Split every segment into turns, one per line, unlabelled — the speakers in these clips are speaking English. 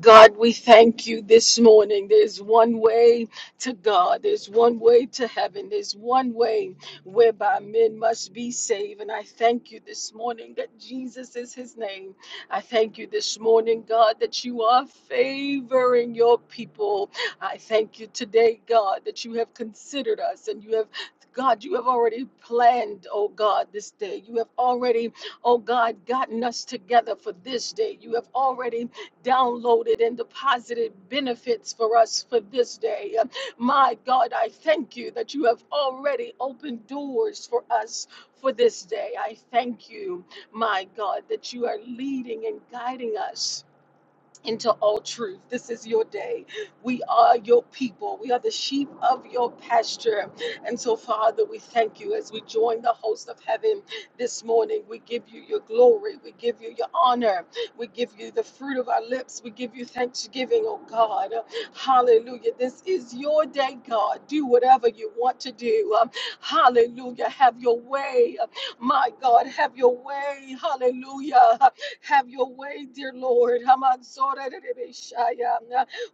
God, we thank you this morning. There's one way to God, there's one way to heaven, there's one way whereby men must be saved. And I thank you this morning that Jesus is his name. I thank you this morning, God, that you are favoring your people. I thank you today, God, that you have considered us and you have. God, you have already planned, oh God, this day. You have already, oh God, gotten us together for this day. You have already downloaded and deposited benefits for us for this day. My God, I thank you that you have already opened doors for us for this day. I thank you, my God, that you are leading and guiding us into all truth. This is your day. We are your people. We are the sheep of your pasture. And so, Father, we thank you as we join the host of heaven this morning. We give you your glory. We give you your honor. We give you the fruit of our lips. We give you thanksgiving, oh God. Hallelujah. This is your day, God. Do whatever you want to do. Um, Hallelujah. Have your way. My God, have your way. Hallelujah. Have your way, dear Lord. Hamansorerebeshaya.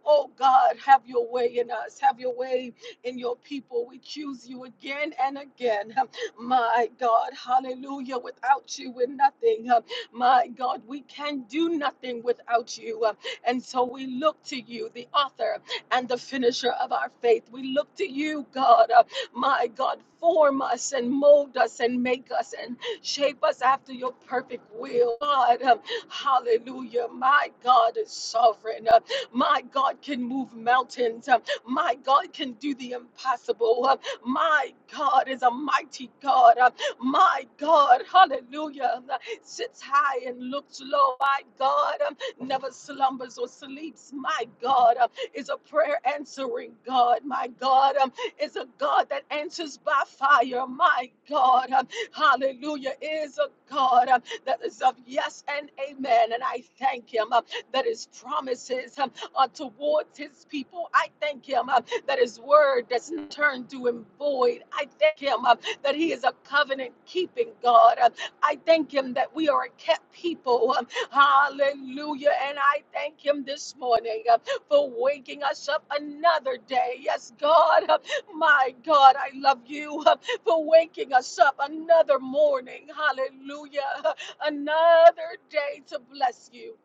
Oh God, have your way in us. Have your way in your people. We choose you again and again. My God, hallelujah. Without you, we're nothing. My God, we can do nothing without you. And so we look to you, the author and the finisher of our faith. We look to you, God. Uh, My God, form us and mold us and make us. And Shape us after your perfect will, God. Um, Hallelujah. My God is sovereign. Uh, My God can move mountains. Um, My God can do the impossible. Um, My God is a mighty God. Um, My God, hallelujah, um, sits high and looks low. My God um, never slumbers or sleeps. My God um, is a prayer answering God. My God um, is a God that answers by fire. My God. um, hallelujah, is a God uh, that is of yes and amen. And I thank him uh, that his promises um, are towards his people. I thank him uh, that his word doesn't turn to him void. I thank him uh, that he is a covenant keeping God. Uh, I thank him that we are a kept people. Um, hallelujah. And I thank him this morning uh, for waking us up another day. Yes, God, uh, my God, I love you. um, for waking us up another morning. Hallelujah. Another day to bless you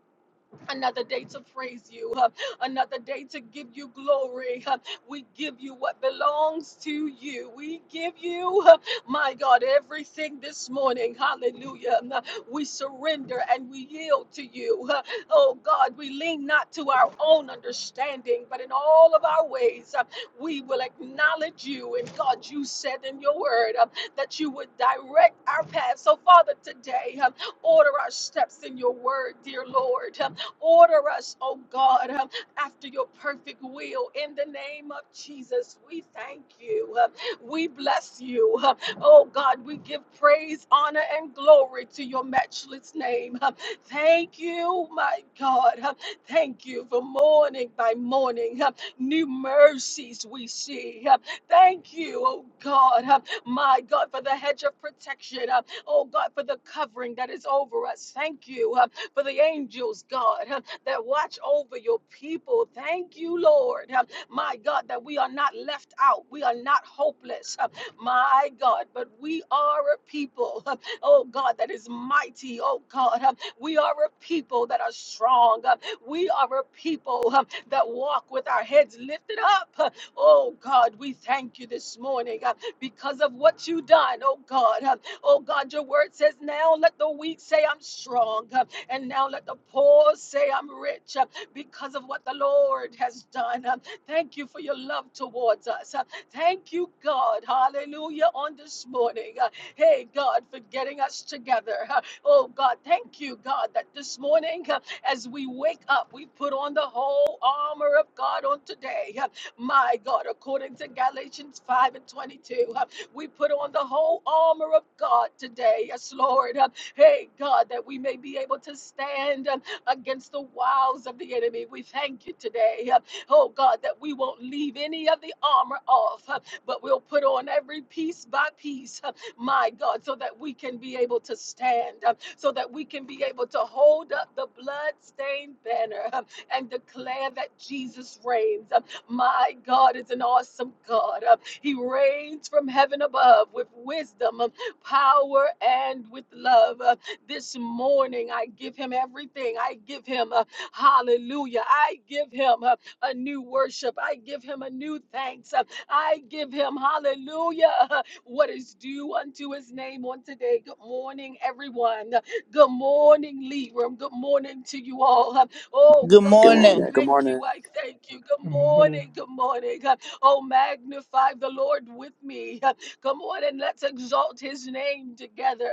another day to praise you, uh, another day to give you glory. uh, we give you what belongs to you. We give you, uh, my God, everything this morning. Hallelujah. uh, we surrender and we yield to you. uh, oh God, we lean not to our own understanding, but in all of our ways, uh, we will acknowledge you. And God, you said in your word uh, that you would direct our path. So, Father, today, uh, order our steps in your word, dear Lord. Uh, Order us, oh God, um, after your perfect will. In the name of Jesus, we thank you. Uh, We bless you. Uh, Oh God, we give praise, honor, and glory to your matchless name. Uh, Thank you, my God. Uh, Thank you for morning by morning. uh, New mercies we see. Uh, Thank you, oh God, uh, my God, for the hedge of protection. uh, Oh God, for the covering that is over us. Thank you. Uh, for the angels, God, huh, that watch over your people. Thank you, Lord. huh, My God, that we are not left out. We are not hopeless. huh, My God, but we are a people, huh, oh God, that is mighty. Oh God, huh, we are a people that are strong. huh, We are a people huh, that walk with our heads lifted up. huh. Oh God, we thank you this morning huh, because of what you done. Oh God, huh, Oh God, your word says now let the weak say I'm strong. huh, and now let the poor say, I'm rich uh, because of what the Lord has done. Uh, Thank you for your love towards us. Uh, Thank you, God. Hallelujah. On this morning. Uh, Hey, God, for getting us together. Uh, Oh, God, thank you, God, that this morning, uh, as we wake up, we put on the whole armor of God on today. Uh, My God, according to Galatians 5 and 22, uh, we put on the whole armor of God today. Yes, Lord. Uh, Hey, God, that we may be able to stand um, against the wiles of the enemy. We thank you today. uh, Oh, God, that we won't leave any of the armor off, uh, but we'll put on every piece by piece, uh, my God, so that we can be able to stand, uh, so that we can be able to hold up the blood-stained banner uh, and declare that Jesus reigns. Uh, My God is an awesome God. Uh, He reigns from heaven above with wisdom. uh, power and with love. Uh, This morning, I give him everything. I give him uh, hallelujah. I give him uh, a new worship. I give him a new thanks. Uh, I give him hallelujah. uh, What is due unto his name on today? Good morning, everyone. Uh, Good morning, Lead Room. Good morning to you all. Uh, Oh,
Good
Good
morning.
morning. Good
thank
morning.
you. I thank you. Good
Good morning,
morning. Good morning. Oh, magnify the Lord with me. Come on and let's exalt his name together.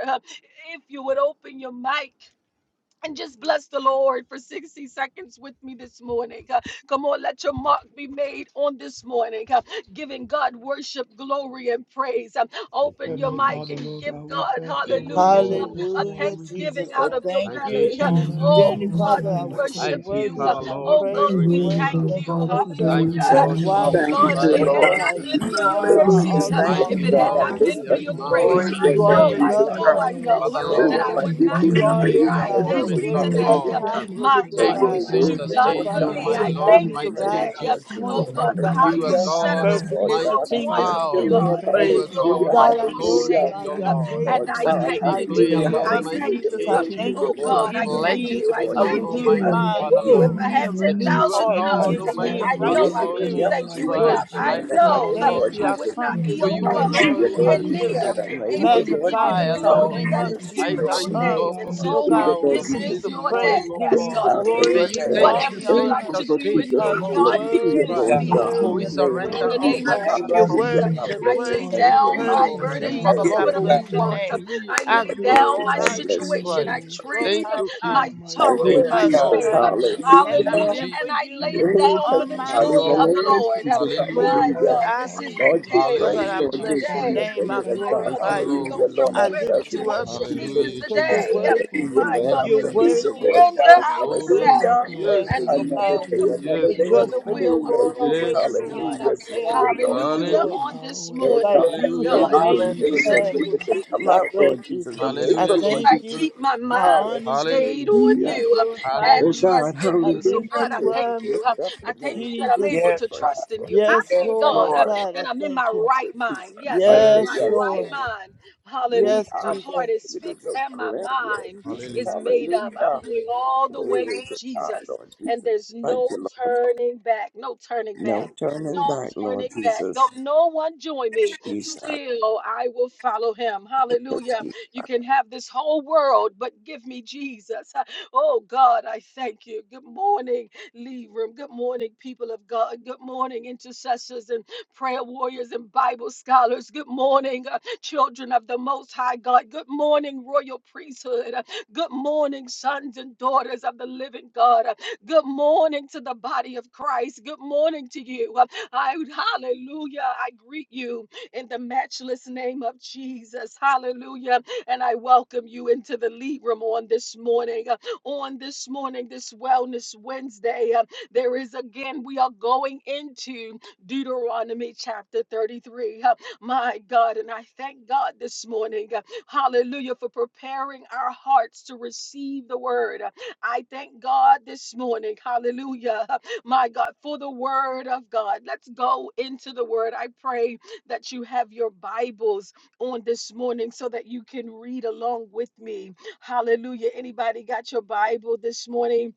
If you would open your mic and just bless the Lord for 60 seconds with me this morning. Uh, Come on, let your mark be made on this morning, uh, giving God worship, glory, and praise. Um,
Thank
Open
you,
your
Heavenly
mic
Father,
and
Lord
Jesus.
give
God. We
God,
thank you for
Thank you,
waking
hallelujah,
us up
Lord.
this
uh, a
morning.
Hallelujah,
We give
Jesus.
thanksgiving
you
I
out of
all the
your
thank
Thank you,
you.
belly. Uh,
honor, the
Dear
Jesus.
Oh
Heavenly
God,
glory,
Father,
we
I,
and the
you're
worship
Thank
praise that
you,
you
you.
worthy
Uh,
of
Father,
my
deserve.
Lord,
We
Oh
my
thank
God,
We
praise.
you
You're
for
we
really
your
Redeemer.
thank
worthy
do
Son
of the
you.
all the
who died
worship.
on
Hallelujah.
Thank
the
praise,
you,
honor,
Uh,
today.
cross
Lord
for our
Why?
and
Oh
Thank
Jesus
sins.
Because
God,
glory.
if
We
you,
you,
it
Christ,
Lord
thank
Lord
had
God,
you,
our
Lord.
oh,
not
God,
been for
you
Savior.
Heavenly
your
are
Father,
And
our
for
we
Hallelujah.
just
mercy,
all
uh,
thank
in
Thank
you
I
for
all.
if
releasing
thank you today,
Mighty
Lord
it
the
Jesus.
You
that.
you.
Lord God,
had
are
I
my
not
burden
Lord,
lift
It's so
been
that
there
for
up
is
is
your
on
none
everything.
your
good.
our
name
like
grace,
Glory be to
lives.
you,
today,
I
You are
Lord
know,
your
And
the
King.
I
name,
We
Jesus.
God.
thank
lover
God,
know,
you,
we
I
of my
know.
thank
Heavenly
uh,
Father
you on
Oh,
this
Father,
that
Lord,
I
Lord,
how
I
soul.
morning,
would
you
give
you
not
know, we
Father
you
You
the
continue
be
it
are,
God.
to
really
is
here.
Lord
praise,
your
thank
I
guide
Lord
God,
you.
God,
us,
the
You are
thank
we
moment,
Jesus.
lift
you
O
very
how
today,
air
worthy.
you
you
up,
uh,
that I
Hallelujah.
God.
God.
continue
We
breathe,
my
give
to
you
Lord
For
Take
God, for
all
light
You
the
God.
your
the
the
what
our,
word,
center
you've
Dear Heavenly
done
Lord
stage,
for
Father,
O
worthy.
God,
me.
It's
my
of
so
our
you
I
Lord,
allowed
every
me
good.
path
thank you
to
my
right,
King
praise,
rise
today, uh,
Lord
this
Jesus.
oh
Jesus.
morning,
God,
Lord
for
God.
Hallelujah.
right
how
You
It's so
are
you
now,
Hallelujah.
good.
My
set
Heavenly
God
us
of
first
Hallelujah.
Father.
free.
Lord
You're
initial
a
God,
mighty
I
thing is
God,
bless
to
wonderful
you,
power.
give
we
you
Lord.
God.
thank you
You
praise.
are
for
You're
who
a
God
Hallelujah,
of
you
God, I
are.
wonderful
We
hallelujah.
authority,
glorify
O
Savior.
you.
thank
I
uh,
you,
Lord.
praise
Heavenly
And
Lord
It's
I
so
you.
And
Father,
good.
God,
we
for,
thank
It's
I
so
you
good.
declare,
lift
Hallelujah.
hallelujah,
for
today.
Hallelujah.
you
how
Lord,
I
up,
you
Jesus.
hallelujah.
mighty
thank
Jesus.
you.
I
Your
uh,
King
word
thank
is
continue
your
Oh
you
Jesus,
for
to
Lord,
God, I
giving
let
use
thank
me
it
Moses,
you.
to
I
be
Lord
a
us
known,
Jesus.
thank
Hallelujah.
for
you.
renewed
And I
Almighty
your
mind,
thank
Father,
Ooh,
you.
kingdom,
if
Lord,
giving
oh
I
me a
had
Heavenly
that
Father.
renewed
you are
10,000
heart,
We
God,
Thank
tongues,
you,
giving me
Lord,
a
Almighty
I
desire
So
to
right
Father,
know
you
I
be
can
Lord
me
couldn't
up,
spirit.
more
thank
Jesus
like
you
Jesus,
Lord
Christ,
this
enough.
you.
I
morning.
right
I
Jesus,
We
I
thank
now,
know uh,
you,
Lord
thank
Lord
desire
you.
I
to
I
would
Jesus.
Jesus.
speak
not
come
be,
this
For
like
oh
you are
you,
God,
oh
morning,
God
Lord
Hallelujah,
God.
who
We
anywhere
Jesus,
Lord Jesus,
desire
just
Hallelujah.
near
to
to
that
answers
I
have a
made
heart
able
with
it,
to
Lord
like
give
magnify
you
Jesus.
you,
and
the
fire,
oh
lift your
Heavenly
Lord.
glory
name
Father.
that
Hallelujah.
up,
Hallelujah,
is
It's
sweet
I
our
due
Jesus.
praise,
I
Lord.
your
thank
We
you,
honor,
come,
shame.
Lord,
and
name.
for
And
desire to
glory.
Lord
this
so
be
God,
Sweet
able
hour,
Lord
to
this
giving
for
Jesus.
you
walk
is
the
this
your
like
day.
you,
praise,
morning,
Yes,
oh
oh
God.
giving
Yes,
Yes,
Heavenly
you
I
the
God,
This
God.
Father.
is
glory,
May
do
your
you
giving
day.
you
take
understand.
God,
all
I'm
the
whatever
the
just
you
saint
like
honor
thankful
to
as
for
do
stage,
in
Jesus.
oh
because
me.
Lord
you're
God,
Jesus
Hallelujah,
worthy,
Yes,
begin
just
in
Lord
God.
you're
Christ,
me
God.
for
In
we
indwell
your
worthy,
your
you're
name,
in
surrender,
Lord
the
mind
oh
In
worthy,
name
Jesus.
the
of
into
God,
name
and
our
you're
of
Jesus.
mind.
Hallelujah.
submit
I
worthy, you're
I
bless
everything
lay
pour
your
to
worthy,
name,
your
you're
you,
down
Lord
heart
my
Hallelujah.
worthy.
Lord.
Jesus.
into
I
burdens
our
at
Father,
the
Jesus,
thank
heart,
Jesus.
Lord,
I
O
you,
foot of
for
Yes,
the
God.
we
Heavenly
bless your
Hallelujah.
want
cross.
Father.
to
name.
hear
I
from
I
lay
Lord
you, oh
down
For
Jesus.
Lord
my
I
you
glorify
are
you,
Jesus
bless your
truly
situation.
name,
I
Jesus.
Christ.
holy,
Lord
Lord
Thank
trade
Jesus.
God,
you,
you
my
why?
are
King.
mighty,
Thank
sorrow
Thank
you,
and
you are
you,
my
Yes,
Because, Lord
God.
Jesus.
shame.
Lord.
wonderful,
God,
you are
if
a
it had
Thank
loving
you,
not
Hallelujah.
Hallelujah.
been
Jesus.
for
And I lay
you
and
it
Glory
down
to
for
on
the
graceful
Thank
my
you,
God
joy
in the
of
side,
Lord.
God.
the
name
Lord
of
Lord.
Jesus.
Jesus,
We thank
where
Hallelujah.
My
you,
would
Hallelujah.
God,
Heavenly
I
this
Father,
is
be?
the
for
Lord, you
day.
Lord
great,
God,
This
I
Hallelujah,
is
Lord,
the
our
you
bless your
Jesus.
day.
families.
wonderful,
name.
We
I
thank
Lord
My
you,
God.
O
Thank
God,
you,
that
glorify
God,
we
you.
for
Lord.
Hallelujah,
go
our
from
Lord, I
church
I
love
and our
worry
lift
to
you,
you
church
Lord
up,
home.
worship. This
Jesus.
is
Jesus,
Hallelujah,
the
because
This
you're
We
is
day.
Jesus.
the
thank you
day
for our
worthy.
Hallelujah,
the
My
Lord,
Lord
God,
I
pastors,
has
You're
that
O
praise
Hallelujah.
we
Heavenly
you,
worthy,
made.
Father.
Yes,
Lord
you're
surrender
God.
Jesus.
worthy, you're
Oh
We
worthy,
Lord,
thank
Hallelujah.
ourselves
you're
you, O
yes,
and
worthy,
God, how
Lord
we
you
Another
yield
God.
day,
continue to
another
yes,
completely
day,
lead
to
us
Lord,
the
Rejoicing
another
in
day,
the
will
out
of the
Lord
Lord
Lord.
Jesus.
always.
yes,
And
Yes,
Lord.
again,
God.
I
Hallelujah.
say, I
Glory,
will
Lord
Hallelujah.
of
rejoice.
Jesus.
On
Hallelujah,
our
this
Lord
way.
Lord
morning.
God,
God,
Yes.
Yes,
you
I'm
Hallelujah,
have
God.
able
In
to
made
Hallelujah.
King,
me
praise
You
you.
Jesus'
I'm
said you
mighty
glad,
would
Lord
able
name.
to
keep
Jesus.
come
me
I
in
out,
bless
Lord
perfect
you.
Jesus. I'm
peace
I
Hallelujah,
able,
if
Lord
thank
I
you.
Jesus,
Jesus.
keep my mind
I honor you.
stayed
Hallelujah,
on
I
Hallelujah.
you uh,
glorify
Oh
and
you.
Hallelujah,
God,
trust in
I
hallelujah.
you. So,
lift
God, I
you
To
thank
up,
you. Uh,
lift up
I
your
thank
name
you
to
that I'm
give you
Jesus.
able
the
Yes,
to
praise
God.
trust in
for
you.
you.
I
Yes,
thank
Yes,
Thank
God
Lord.
the
uh,
Lord.
Lord.
God,
that
I
I'm in
thank
my
you.
Thank you,
right
Jesus.
mind. Yes, I'm
Thank
in
yes,
you,
my
Yes,
yes,
right
Lord.
Jesus,
Lord.
mind.
Oh
Hallelujah.
Yes,
God,
My
Jesus.
heart
thank
is
you to
fixed
the
and my
Lamb, Lord
mind
Jesus.
is
Hallelujah,
made up. I'm
Hallelujah.
going all the way
Glory
with
to God,
Jesus,
Lord
and
Jesus.
there's
Thank
no
you, Lord.
turning back, no turning
No
back
turning
no
back,
turning
Lord
back.
Jesus.
Though no one join me,
Jesus.
still I will follow him.
Yes,
Hallelujah.
Jesus.
You can have this whole world, but give me Jesus. Oh God, I thank you. Good morning, Leave Room. Good morning, people of God. Good morning, intercessors and prayer warriors and Bible scholars. Good morning, uh, children of the Most High God. Good morning, royal priesthood. Good morning, sons and daughters of the living God. Good morning to the body of Christ. Good morning to you. Uh, I, hallelujah. I greet you in the matchless name of Jesus. Hallelujah. And I welcome you into the lead room on this morning. Uh, On this morning, this Wellness Wednesday, uh, there is again, we are going into Deuteronomy chapter 33. Uh, My God, and I thank God this morning. uh, Hallelujah for preparing our hearts to receive the word. I thank God this morning. Hallelujah. My God, for the word of God. Let's go into the word. I pray that you have your Bibles on this morning so that you can read along with me. Hallelujah. Anybody got your Bible this morning?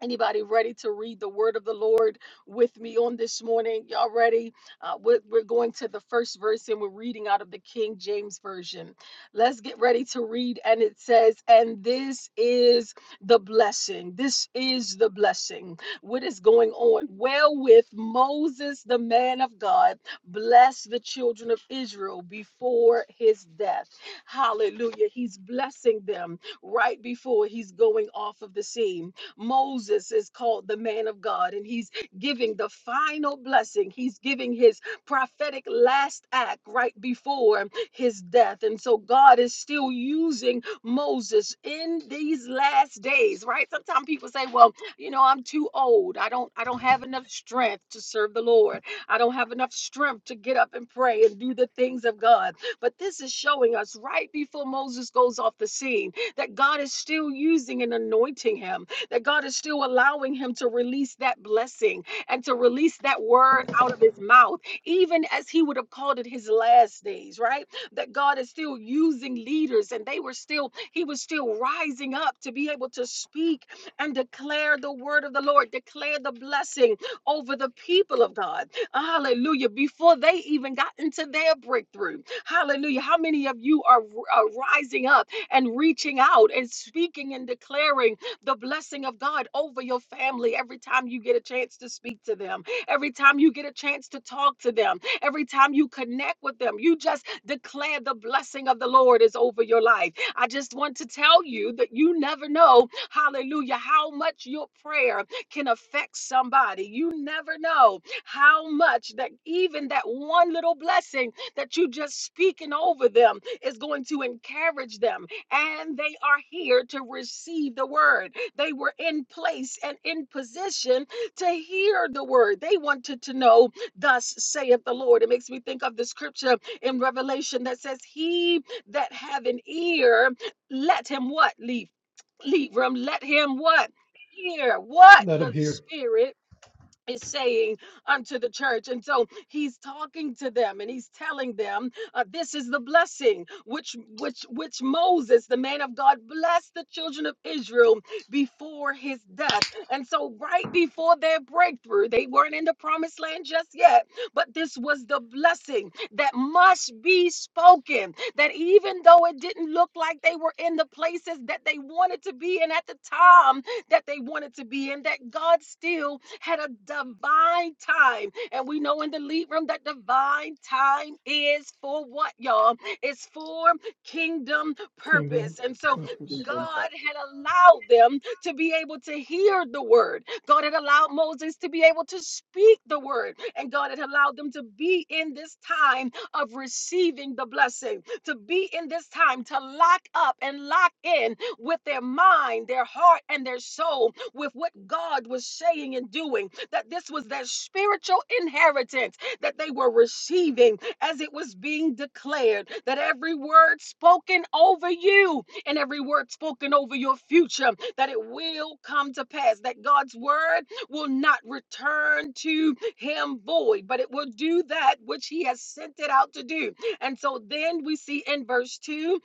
Anybody ready to read the word of the Lord with me on this morning? Y'all ready? Uh, we're, we're going to the first verse and we're reading out of the King James Version. Let's get ready to read. And it says, And this is the blessing. This is the blessing. What is going on? Wherewith Moses, the man of God, blessed the children of Israel before his death. Hallelujah. He's blessing them right before he's going off of the scene Moses is called the man of God, and he's giving the final blessing. He's giving his prophetic last act right before his death. And so God is still using Moses in these last days, right? Sometimes people say, well, you know, I'm too old. I don't I don't have enough strength to serve the Lord. I don't have enough strength to get up and pray and do the things of God. But this is showing us right before Moses goes off the scene that God is still using and anointing him that God is still allowing him to release that blessing and to release that word out of his mouth, even as he would have called it his last days, right? That God is still using leaders and they were still, he was still rising up to be able to speak and declare the word of the Lord, declare the blessing over the people of God. Hallelujah. Before they even got into their breakthrough. Hallelujah. How many of you are, are rising up and reaching out and speaking and declaring? the blessing of God over your family every time you get a chance to speak to them, every time you get a chance to talk to them, every time you connect with them. You just declare the blessing of the Lord is over your life. I just want to tell you that you never know, hallelujah, how much your prayer can affect somebody. You never know how much that even that one little blessing that you just speaking over them is going to encourage them and they are here to receive the word they were in place and in position to hear the word. They wanted to know, Thus saith the Lord. It makes me think of the scripture in Revelation that says, He that have an ear, let him what? Leave. Leave room. Let him what? Hear what the Spirit is saying unto the church. And so he's talking to them and he's telling them, uh, this is the blessing which which which Moses, the man of God, blessed the children of Israel before his death. And so right before their breakthrough, they weren't in the promised land just yet, but this was the blessing that must be spoken. That even though it didn't look like they were in the places that they wanted to be in at the time that they wanted to be in, that God still had a divine time. And we know in the lead room that divine time is for what, y'all? It's for kingdom
Kingdom
purpose. And so
purpose.
God
Kingdom Purpose.
had allowed them to be able to hear the word. God had allowed Moses to be able to speak the word. And God had allowed them to be in this time of receiving the blessing, to be in this time to lock up and lock in with their mind, their heart, and their soul with what God was saying and doing, that this was that spiritual inheritance that they were receiving as it was being declared, that every word spoken over you and every word spoken over your future, that it will come to pass, that God's word will not return to him void, but it will do that which he has sent it out to do. And so then we see in verse 2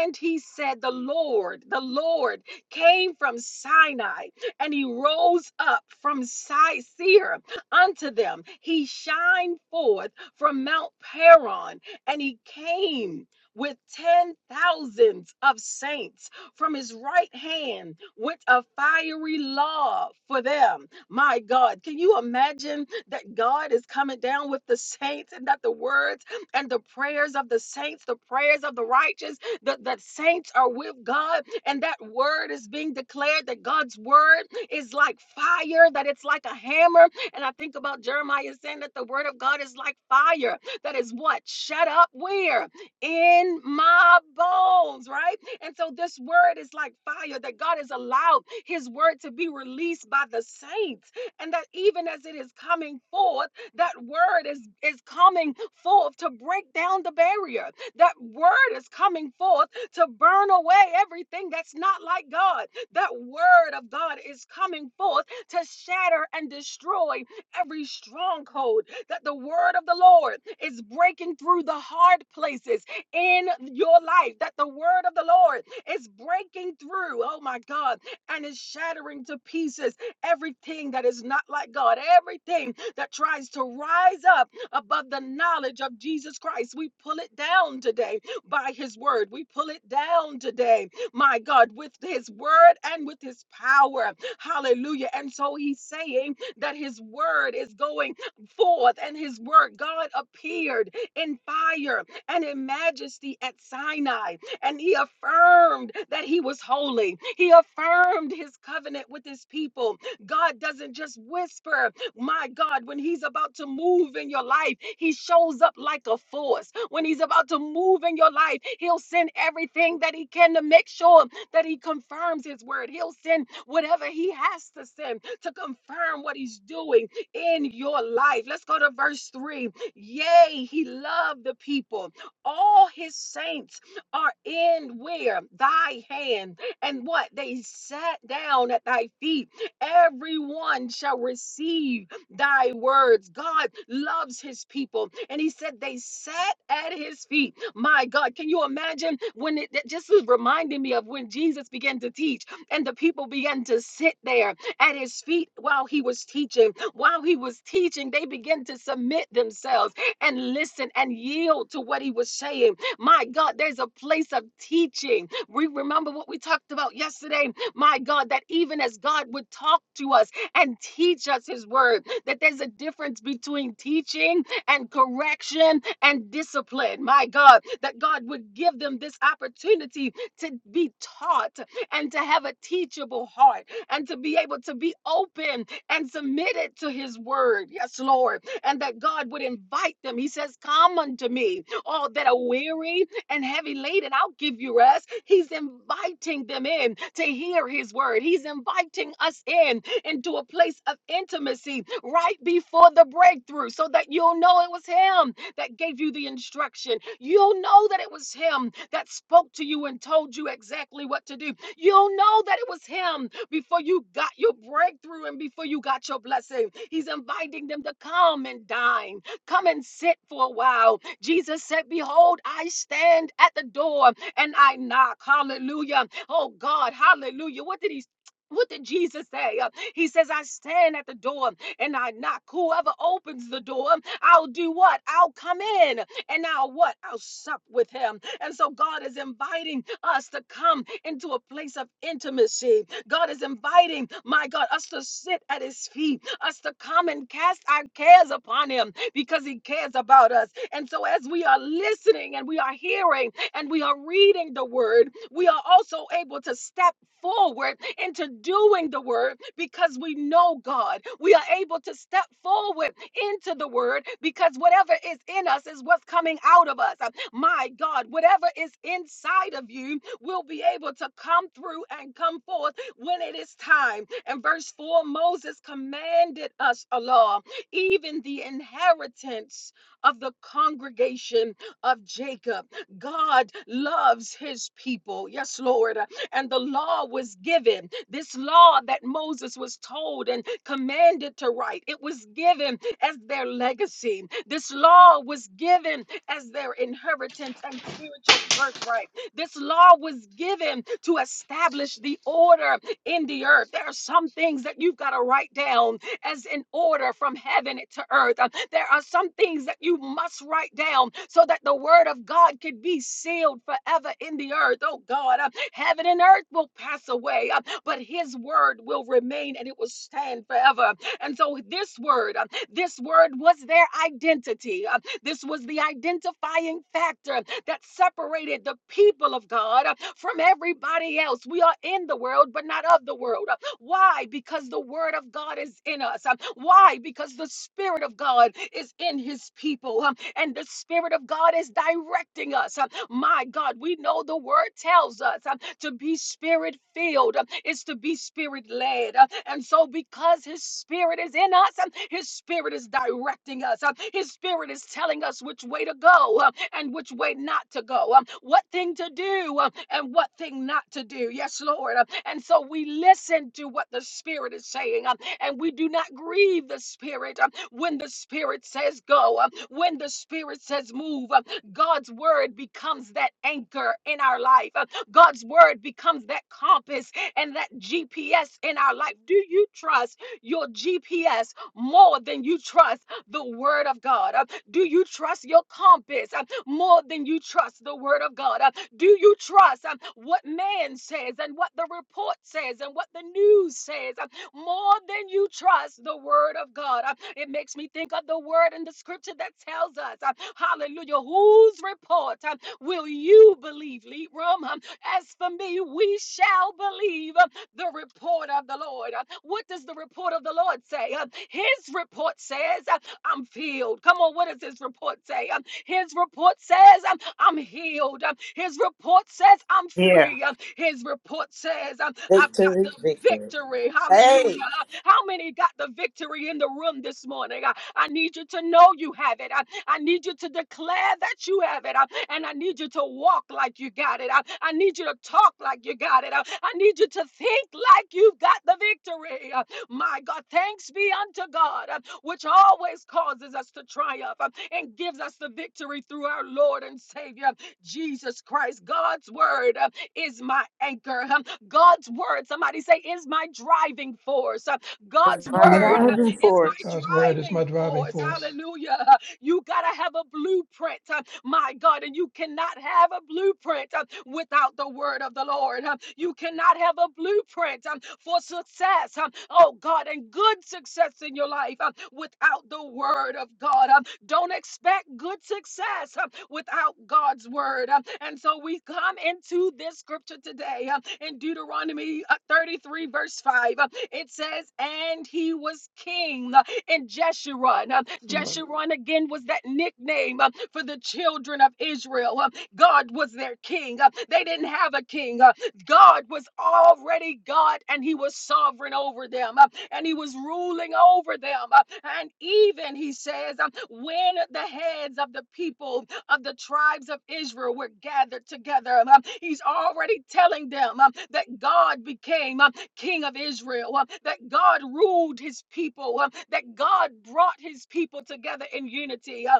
and he said, The Lord, the Lord came from Sinai and he rose up from Si- Seir unto them. He shined forth from Mount Paran, and he came with ten thousands of saints. From his right hand went a fiery law for them. My God, can you imagine that God is coming down with the saints and that the words and the prayers of the saints, the prayers of the righteous, that the saints are with God and that word is being declared that God's word is like fire, that it's like a hammer. And I think about Jeremiah saying that the word of God is like fire, that is what? Shut up, where? In my bones, right? And so this word is like fire, that God has allowed his word to be released by the saints, and that even as it is coming forth, that word is, is coming forth to break down the barrier that word is coming forth to burn away everything that's not like God. That word of God is coming forth to shatter and destroy every stronghold. That the word of the Lord is breaking through the hard places in your life. That the word of the Lord is breaking through, oh my God, and is shattering to pieces everything that is not like God, everything that tries to rise up above the knowledge of Jesus Christ. We pull it down today by his word. We pull it down today, my God, with his word and with his power. Hallelujah. And so he's saying that his word is going forth and his word, God appeared in fire and in majesty at Sinai and he affirmed that he was holy. He affirmed his covenant with his people. God doesn't just whisper, like, My God, when He's about to move in your life, He shows up like a force. When He's about to move in your life, He'll send everything that He can to make sure that He confirms His word. He'll send whatever He has to send to confirm what He's doing in your life. Let's go to verse 3. Yea, He loved the people. All His saints are in where? Thy hand. And what? They sat down at Thy feet everyone shall receive thy words. God loves his people. And he said they sat at his feet. My God, can you imagine when it that just is reminding me of when Jesus began to teach and the people began to sit there at his feet while he was teaching. While he was teaching, they began to submit themselves and listen and yield to what he was saying. My God, there's a place of teaching. We remember what we talked about yesterday. My God, that even as God would talk to us and teach us his word, that there's a difference between teaching and correction and discipline. My God, that God would give them this opportunity to be taught and to have a teachable heart and to be able to be open and submitted to his word. Yes, Lord. And that God would invite them. He says, Come unto me, all that are weary and heavy laden, I'll give you rest. He's inviting them in to hear his word. He's inviting us in into a place of intimacy right before the breakthrough so that you'll know it was Him that gave you the instruction. You'll know that it was Him that spoke to you and told you exactly what to do. You'll know that it was Him before you got your breakthrough and before you got your blessing. He's inviting them to come and dine, come and sit for a while. Jesus said, Behold, I stand at the door and I knock. Hallelujah. Oh God, hallelujah. What did he what did Jesus say? Uh, he says, I stand at the door and I knock. Whoever opens the door, I'll do what? I'll come in and I'll what? I'll sup with him. And so God is inviting us to come into a place of intimacy. God is inviting, my God, us to sit at his feet, us to come and cast our cares upon him because he cares about us. And so as we are listening and we are hearing, and we are reading the word, we are also able to step forward into doing the word because we know God. We are able to step forward into the word because whatever is in us is what's coming out of us. Uh, My God, whatever is inside of you will be able to come through and come forth when it is time. And verse 4 Moses commanded us a law, even the inheritance of the congregation of Jacob God loves his people. Yes, Lord. And the law was given. This law that Moses was told and commanded to write, it was given as their legacy. This law was given as their inheritance and spiritual birthright. This law was given to establish the order in the earth. There are some things that you've got to write down as an order from heaven to earth. Uh, There are some things that you must write down so that the word of God can be sealed forever in the earth. Oh God, uh, heaven and earth will pass away, uh, but his word will remain and it will stand forever. And so this word, uh, this word was their identity. Uh, This was the identifying factor that separated the people of God uh, from everybody else. We are in the world, but not of the world. Uh, why? Because the word of God is in us. Um, Why? Because the spirit of God is in his people. um, And the spirit of God is directing us. Um, My God, we know the word tells us um, to be spirit filled it's to be spirit led. And so because his spirit is in us, um, his spirit is directing us. um, His Holy Spirit is telling us which way to go uh, and which way not to go, um, what thing to do uh, and what thing not to do. Yes, Lord. Uh, And so we listen to what the Spirit is saying, um, and we do not grieve the Spirit um, when the Spirit says go, um, when the Spirit says move. um, God's word becomes that anchor in our life. Uh, God's word becomes that compass and that GPS in our life. Do you trust your GPS more than you trust? the word of God? Uh, Do you trust your compass uh, more than you trust the word of God? Uh, Do you trust um, what man says and what the report says and what the news says um, more than you trust the word of God? Uh, It makes me think of the word in the scripture that tells us, uh, hallelujah, whose report um, will you believe, Leroom? Um, As for me, we shall believe um, the report of the Lord. Uh, What does the report of the Lord say? Uh, His report says, uh, I'm filled. Come on, what does his report say? Um, his report says, um, I'm healed. Um, his report says, I'm
Yeah.
free. Um, his report says, um, I've got the
Victory, victory.
victory.
Hey,
Hallelujah. Uh, How many got the victory in the room this morning? Uh, I need you to know you have it. Uh, I need you to declare that you have it. Uh, And I need you to walk like you got it. Uh, I need you to talk like you got it. Uh, I need you to think like you've got the victory. Um, my God, thanks be unto God, uh, which always causes us to triumph uh, and gives us the victory through our Lord and Savior, Jesus Christ. God's word uh, is my anchor. um, God's word, somebody say, is my driving force. uh,
it's
God's
my
My
word
time.
uh,
It's
driving
is
force.
God's
my
word is my
driving
driving
force.
force.
Hallelujah. huh? You got to have a blueprint, uh, my God, and you cannot have a blueprint uh, without the word of the Lord. uh, You cannot have a blueprint um, for success, um, oh God, and good success in your life um, without the word of God. um, Don't expect good success um, without God's God's word. Uh, And so we come into this scripture today uh, in Deuteronomy uh, 33, verse 5. Uh, It says, And he was king uh, in Jeshurun. Uh,
Amen.
Jeshurun again was that nickname uh, for the children of Israel. Uh, God was their king. Uh, They didn't have a king. Uh, God was already God and he was sovereign over them uh, and he was ruling over them. uh, And even, he says, uh, when the heads of the people of the tribes of Israel were gathered together. Um, He's already telling them um, that God became um, king of Israel, um, that God ruled his people, um, that God brought his people together in unity. Uh,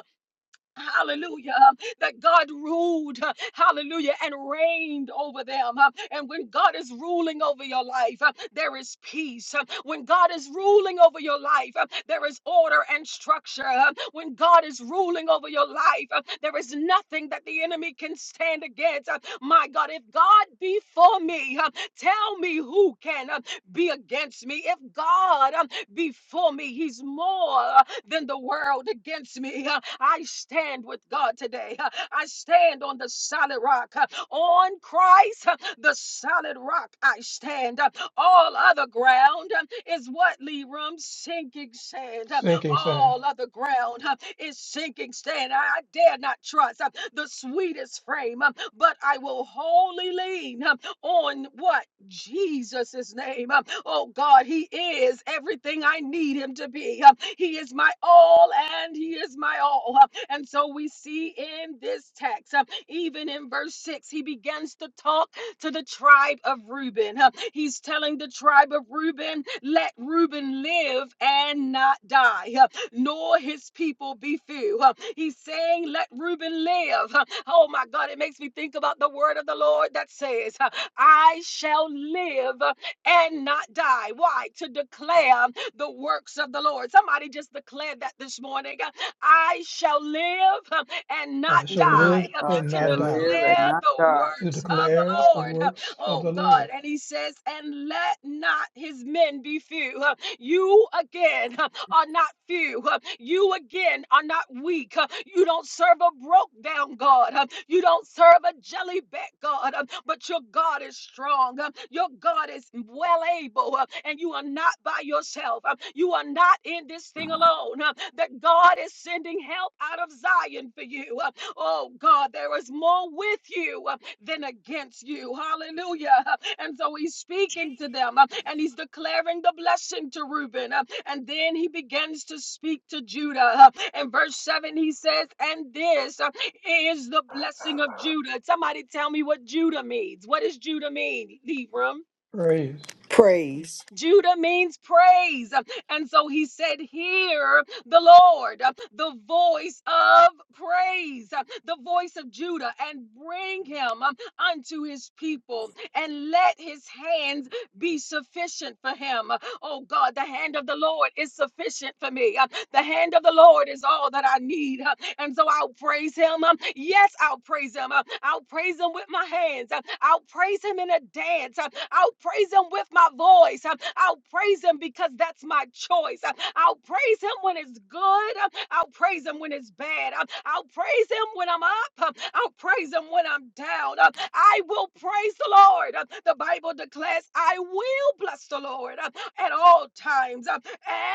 hallelujah, um, that God ruled, uh, hallelujah, and reigned over them. uh, And when God is ruling over your life, uh, there is peace. uh, When God is ruling over your life, uh, there is order and structure. uh, When God is ruling over your life, uh, there is nothing that the enemy can stand against. uh, My God, if God be for me, uh, tell me who can uh, be against me. If God um, be for me, He's more than the world against me. Uh, I stand with God today. Uh, I stand on the solid rock. Uh, On Christ, uh, the solid rock, I stand. Uh, All other ground uh, is what, Leroom? Sinking sand. Uh,
sinking sand.
All other ground uh, is sinking sand. I I dare not trust uh, the sweetest frame, uh, but I will wholly lean. uh, on what? Jesus' name. Um, Oh God, He is everything I need Him to be. Um, He is my all and He is my all. Um, And so we see in this text, um, even in verse 6, He begins to talk to the tribe of Reuben. Um, He's telling the tribe of Reuben, let Reuben live and not die. Huh? nor his people be few. Uh, He's saying, Let Reuben live. Uh, Oh my God, it makes me think about the word of the Lord that says, uh, I shall live uh, and not die. Why? To declare the works of the Lord. Somebody just declared that this morning. Uh, I shall live uh, and not
I shall
saying,
die
live
uh,
I
and
to
not
shall
die
live and
declare
not
the
die.
to
works of the
declare the
Lord. Uh,
works of
Oh
the
God.
Lord.
And he says, and let not his men be few. Uh, You again uh, are not few. Uh, You again are not weak. Uh, You don't serve a broke down God. Uh, You don't serve a jelly back God. Uh, But your God is strong. Uh, Your God is well able. Uh, And you are not by yourself. Uh, You are not in this thing alone. Uh, That God is sending help out of Zion for you. Uh, Oh God, there is more with you. uh, than against you. Hallelujah. And so he's speaking to them uh, and he's declaring the blessing to Reuben. uh, And then he begins to speak to Judah. uh, In verse 7, he says, And this uh, is the blessing of Judah. Somebody tell me what Judah means. What does Judah mean, Libram?
Praise.
praise.
Judah means praise. And so he said, Hear the Lord, the voice of praise, the voice of Judah, and bring him unto his people, and let his hands be sufficient for him. Oh God, the hand of the Lord is sufficient for me. The hand of the Lord is all that I need. huh, And so I'll praise him. um, Yes, I'll praise him. uh, I'll praise him with my hands. uh, I'll praise him in a dance. uh, I'll praise him with my voice. uh, I'll praise him because that's my choice. uh, I'll praise him when it's good. uh, I'll praise him when it's bad. I'll, I'll praise him when I'm up. Uh, I'll praise him when I'm down. Uh, I will praise the Lord. Uh, The Bible declares, I will bless the Lord uh, at all times, uh,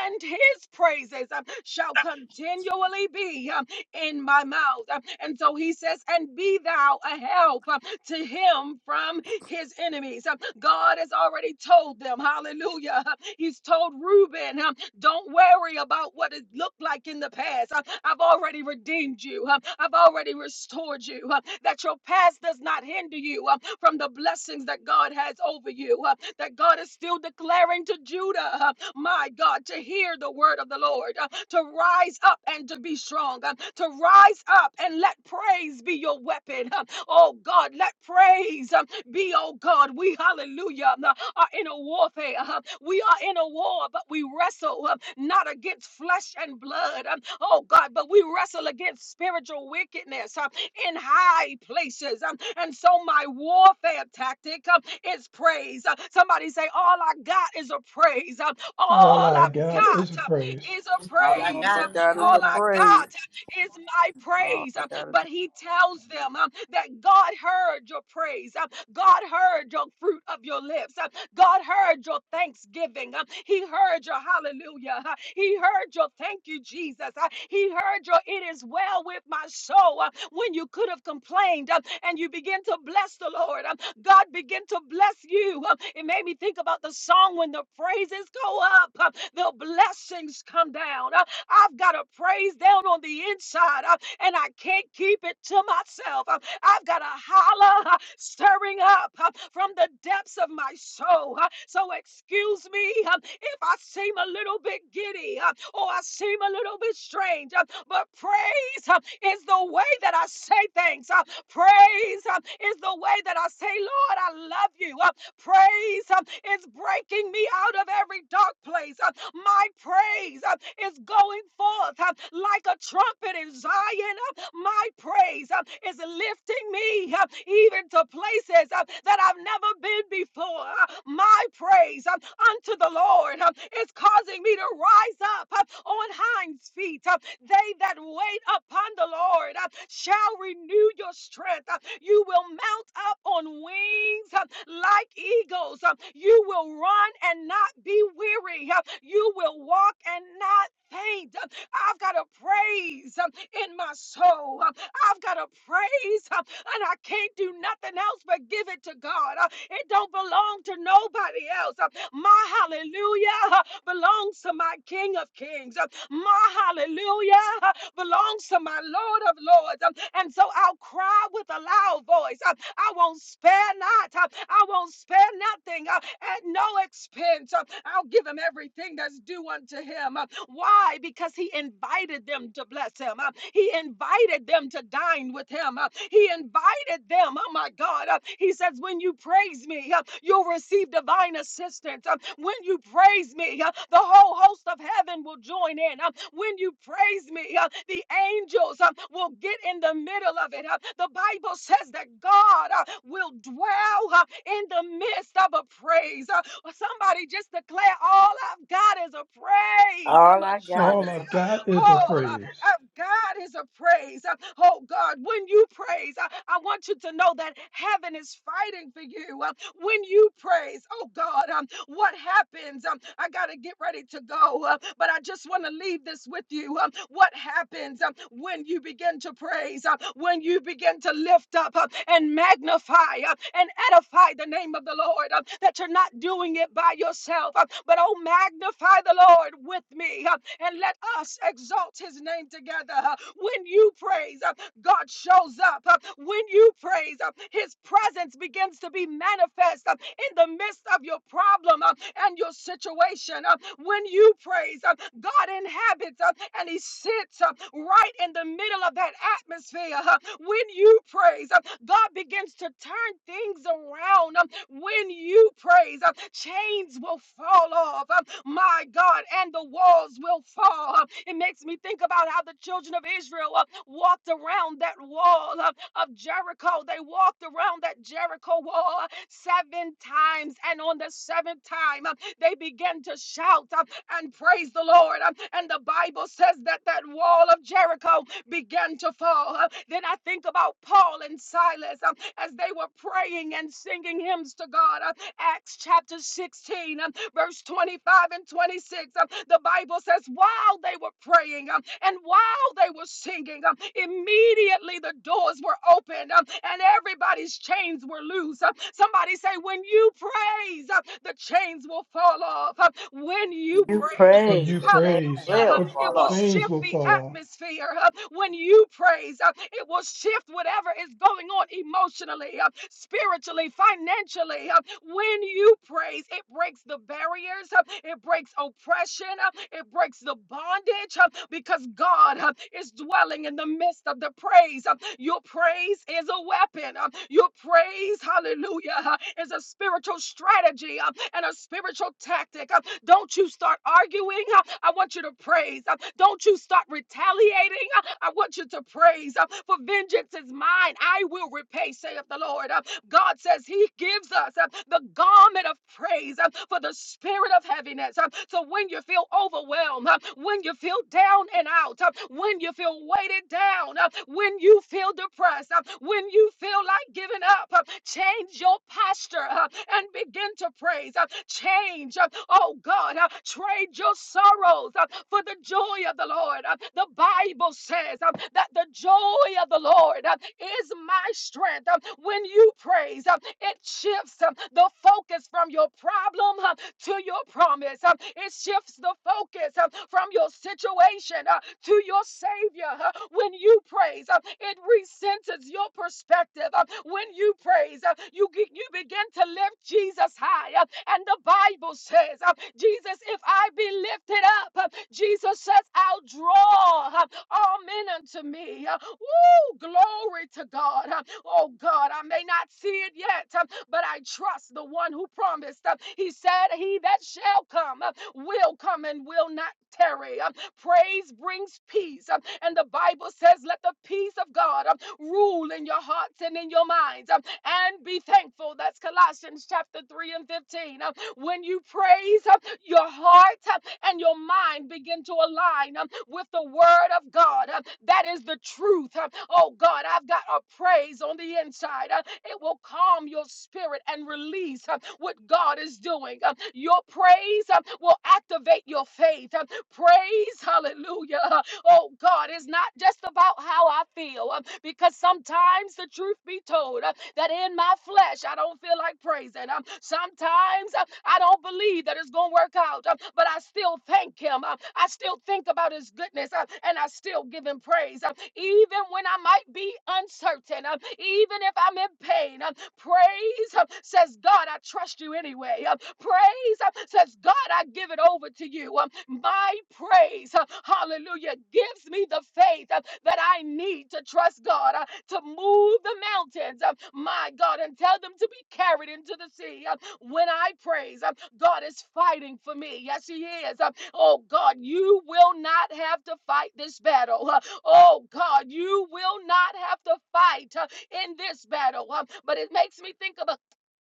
and his praises uh, shall continually be uh, in my mouth. Uh, And so he says, And be thou a help uh, to him from his enemies. Uh, God has already told them, hallelujah. He's told Reuben, don't worry about what it looked like in the past. Uh, I've already redeemed you. Uh, I've already restored you. Uh, That your past does not hinder you uh, from the blessings that God has over you. uh, That God is still declaring to Judah, uh, my God, to hear the word of the Lord, uh, to rise up and to be strong, uh, to rise up and let praise be your weapon. uh, Oh God, let praise. um, be, oh God. We, hallelujah, uh, are in a warfare. uh, We are in a war, but we wrestle uh, not against flesh and blood, um, oh God, but we wrestle against spiritual wickedness uh, in high places. um, And so my warfare tactic uh, is praise. Uh, Somebody say, All I got is a praise. Uh,
All
All
I
I've
got is
got
a
uh,
praise.
is a
All I
All
praise.
I
Uh,
got is
got is
All
a
praise.
I
praise.
got is my
All
praise.
I
Uh,
got is
But
a
he tells them um, that God heard your praise. Uh, God heard your fruit of your lips. Uh, God heard your thanksgiving. Uh, He heard your hallelujah. Uh, He heard your thank you, Jesus. Uh, He heard your it is well with my soul Uh, when you could have complained uh, and you begin to bless the Lord. uh, God begin to bless you. Uh, It made me think about the song when the praises go up, uh, the blessings come down. Uh, I've got a praise down on the inside. Uh, and I can't keep it to myself. Uh, I've got a holler uh, stirring up uh, from the depths of my soul. uh, So excuse me uh, if I seem a little bit giddy uh, or I seem a little bit strange, uh, but praise uh, is the way that I say things. uh, Praise uh, is the way that I say, Lord, I love you. uh, Praise uh, is breaking me out of every dark place. uh, My praise uh, is going forth uh, like a trumpet in Zion. uh, My praise uh, is lifting me uh, even to places uh, that I've never been before. Uh, My praise uh, unto the Lord uh, is causing me to rise up uh, on hinds feet. uh, They that wait upon the Lord uh, shall renew your strength. uh, You will mount up on wings uh, like eagles. uh, You will run and not be weary. uh, You will walk and not faint. uh, I've got a praise um, in my soul. Um, I've got a praise, um, and I can't do nothing else but give it to God. Uh, It don't belong to nobody else. Uh, My hallelujah uh, belongs to my King of Kings. Uh, My hallelujah uh, belongs to my Lord of Lords. Um, And so I'll cry with a loud voice. Uh, I won't spare not. Uh, I won't spare nothing uh, at no expense. Uh, I'll give him everything that's due unto him. Uh, Why? Why? Because he invited them to bless him. Uh, He invited them to dine with him. Uh, He invited them. Oh my God. Uh, He says, when you praise me, uh, you'll receive divine assistance. Uh, When you praise me, uh, the whole host of heaven will join in. Uh, When you praise me, uh, the angels uh, will get in the middle of it. Uh, The Bible says that God uh, will dwell uh, in the midst of a praise. Uh, well, Somebody just declare all I've got is a praise. I'm
All
a
I got
shunned.
All
is a
I've got is a
All I-
praise.
I've got is a praise. Uh, Oh God, when you praise, I, I want you to know that heaven is fighting for you. Uh, When you praise, oh God, um, what happens? Um, I got to get ready to go, uh, but I just want to leave this with you. Um, What happens um, when when you begin to praise, uh, when you begin to lift up uh, and magnify uh, and edify the name of the Lord, uh, that you're not doing it by yourself, uh, but oh, magnify the Lord with me uh, and let us exalt his name together. uh, When you praise, uh, God shows up. Uh, When you praise, uh, his presence begins to be manifest uh, in the midst of your problem uh, and your situation. Uh, When you praise, uh, God inhabits uh, and he sits uh, right in the middle of that atmosphere. Uh, When you praise, uh, God begins to turn things around throne. Um, When you praise, um, chains will fall off, um, my God, and the walls will fall. Um, It makes me think about how the children of Israel uh, walked around that wall of, of Jericho. They walked around that Jericho wall uh, seven times, and on the seventh time, um, they began to shout. um, and praise the Lord. Um, And the Bible says that that wall of Jericho began to fall. Uh, Then I think about Paul and Silas um, as they were praying and singing hymns to God. Uh, Acts chapter 16, um, verse 25 and 26. um, The Bible says, while they were praying um, and while they were singing, um, immediately the doors were opened um, and everybody's chains were loose. Um, Somebody say, when you praise, um, the chains will fall off. Um, When
praise.
you
few
praise, um,
When
praise.
you
The same
hallelujah."
praise,
Hallelujah.
will
Will
the
It
fall
will
follow.
off.
chains
shift
will
the
fall off.
atmosphere uh, when you praise. uh, It will shift whatever is going on emotionally, uh, spiritually, financially. uh, When you praise, it breaks the barriers, uh, it breaks oppression, uh, it breaks the bondage uh, because God uh, is dwelling in the midst of the praise. uh, Your praise is a weapon. uh, Your praise, hallelujah, uh, is a spiritual strategy uh, and a spiritual spiritual tactic. Uh, Don't you start arguing. Uh, I want you to praise. Uh, Don't you start retaliating. Uh, I want you to praise. Uh, For vengeance is mine. I will repay, saith the Lord. Uh, God says He gives us uh, the garment of praise uh, for the spirit of heaviness. uh, So when you feel overwhelmed, uh, when you feel down and out, uh, when you feel weighted down, uh, when you feel depressed, uh, when you feel like giving up, uh, Change your posture uh, and begin to praise. uh, Change, uh, oh God, uh, trade your sorrows uh, for the joy of the Lord. uh, The Bible says uh, that the joy of the Lord uh, is my strength. uh, When you praise, uh, it shifts uh, the focus from your problem uh, to your promise. uh, It shifts the focus uh, from your situation uh, to your Savior. uh, When you praise, praise, uh, it recenters your perspective. uh, When you praise, uh, you, ge- you begin to lift Jesus high. uh, And the Bible says, uh, Jesus, if I be lifted up, uh, Jesus says, I'll draw uh, all men unto me. uh, Woo! Glory to God. uh, Oh God, I may not see it yet, uh, but I trust the one who promised. uh, He said, He that shall come uh, will come and will not tarry. Uh, Praise brings peace. Um, And the Bible says, let the peace of God um, rule in your hearts and in your minds um, and be thankful. That's Colossians chapter 3 and 15. Um, when you praise, uh, your heart uh, and your mind begin to align um, with the word of God. uh, That is the truth. uh, Oh God, I've got a praise on the inside. uh, It will calm your spirit and release uh, what God is doing. uh, Your praise uh, will activate your faith. uh, Praise, hallelujah, uh, Oh God, it's not just about how I feel, um, because sometimes the truth be told, uh, that in my flesh I don't feel like praising. Um, sometimes uh, I don't believe that it's gonna work out, um, but I still thank Him. Um, I still think about His goodness, um, and I still give Him praise, um, even when I might be uncertain, um, even if I'm in pain. um, praise um, says, "God, I trust You anyway." Um, praise uh, says, God, I give it over to you. Um, My praise, uh, hallelujah, gives me the faith uh, that I need to trust God uh, to move the mountains, uh, my God, and tell them to be carried into the sea. Uh, When I praise, uh, God is fighting for me. Yes, He is. Uh, Oh, God, you will not have to fight this battle. Uh, Oh, God, you will not have to fight uh, in this battle. Um, but it makes me think of a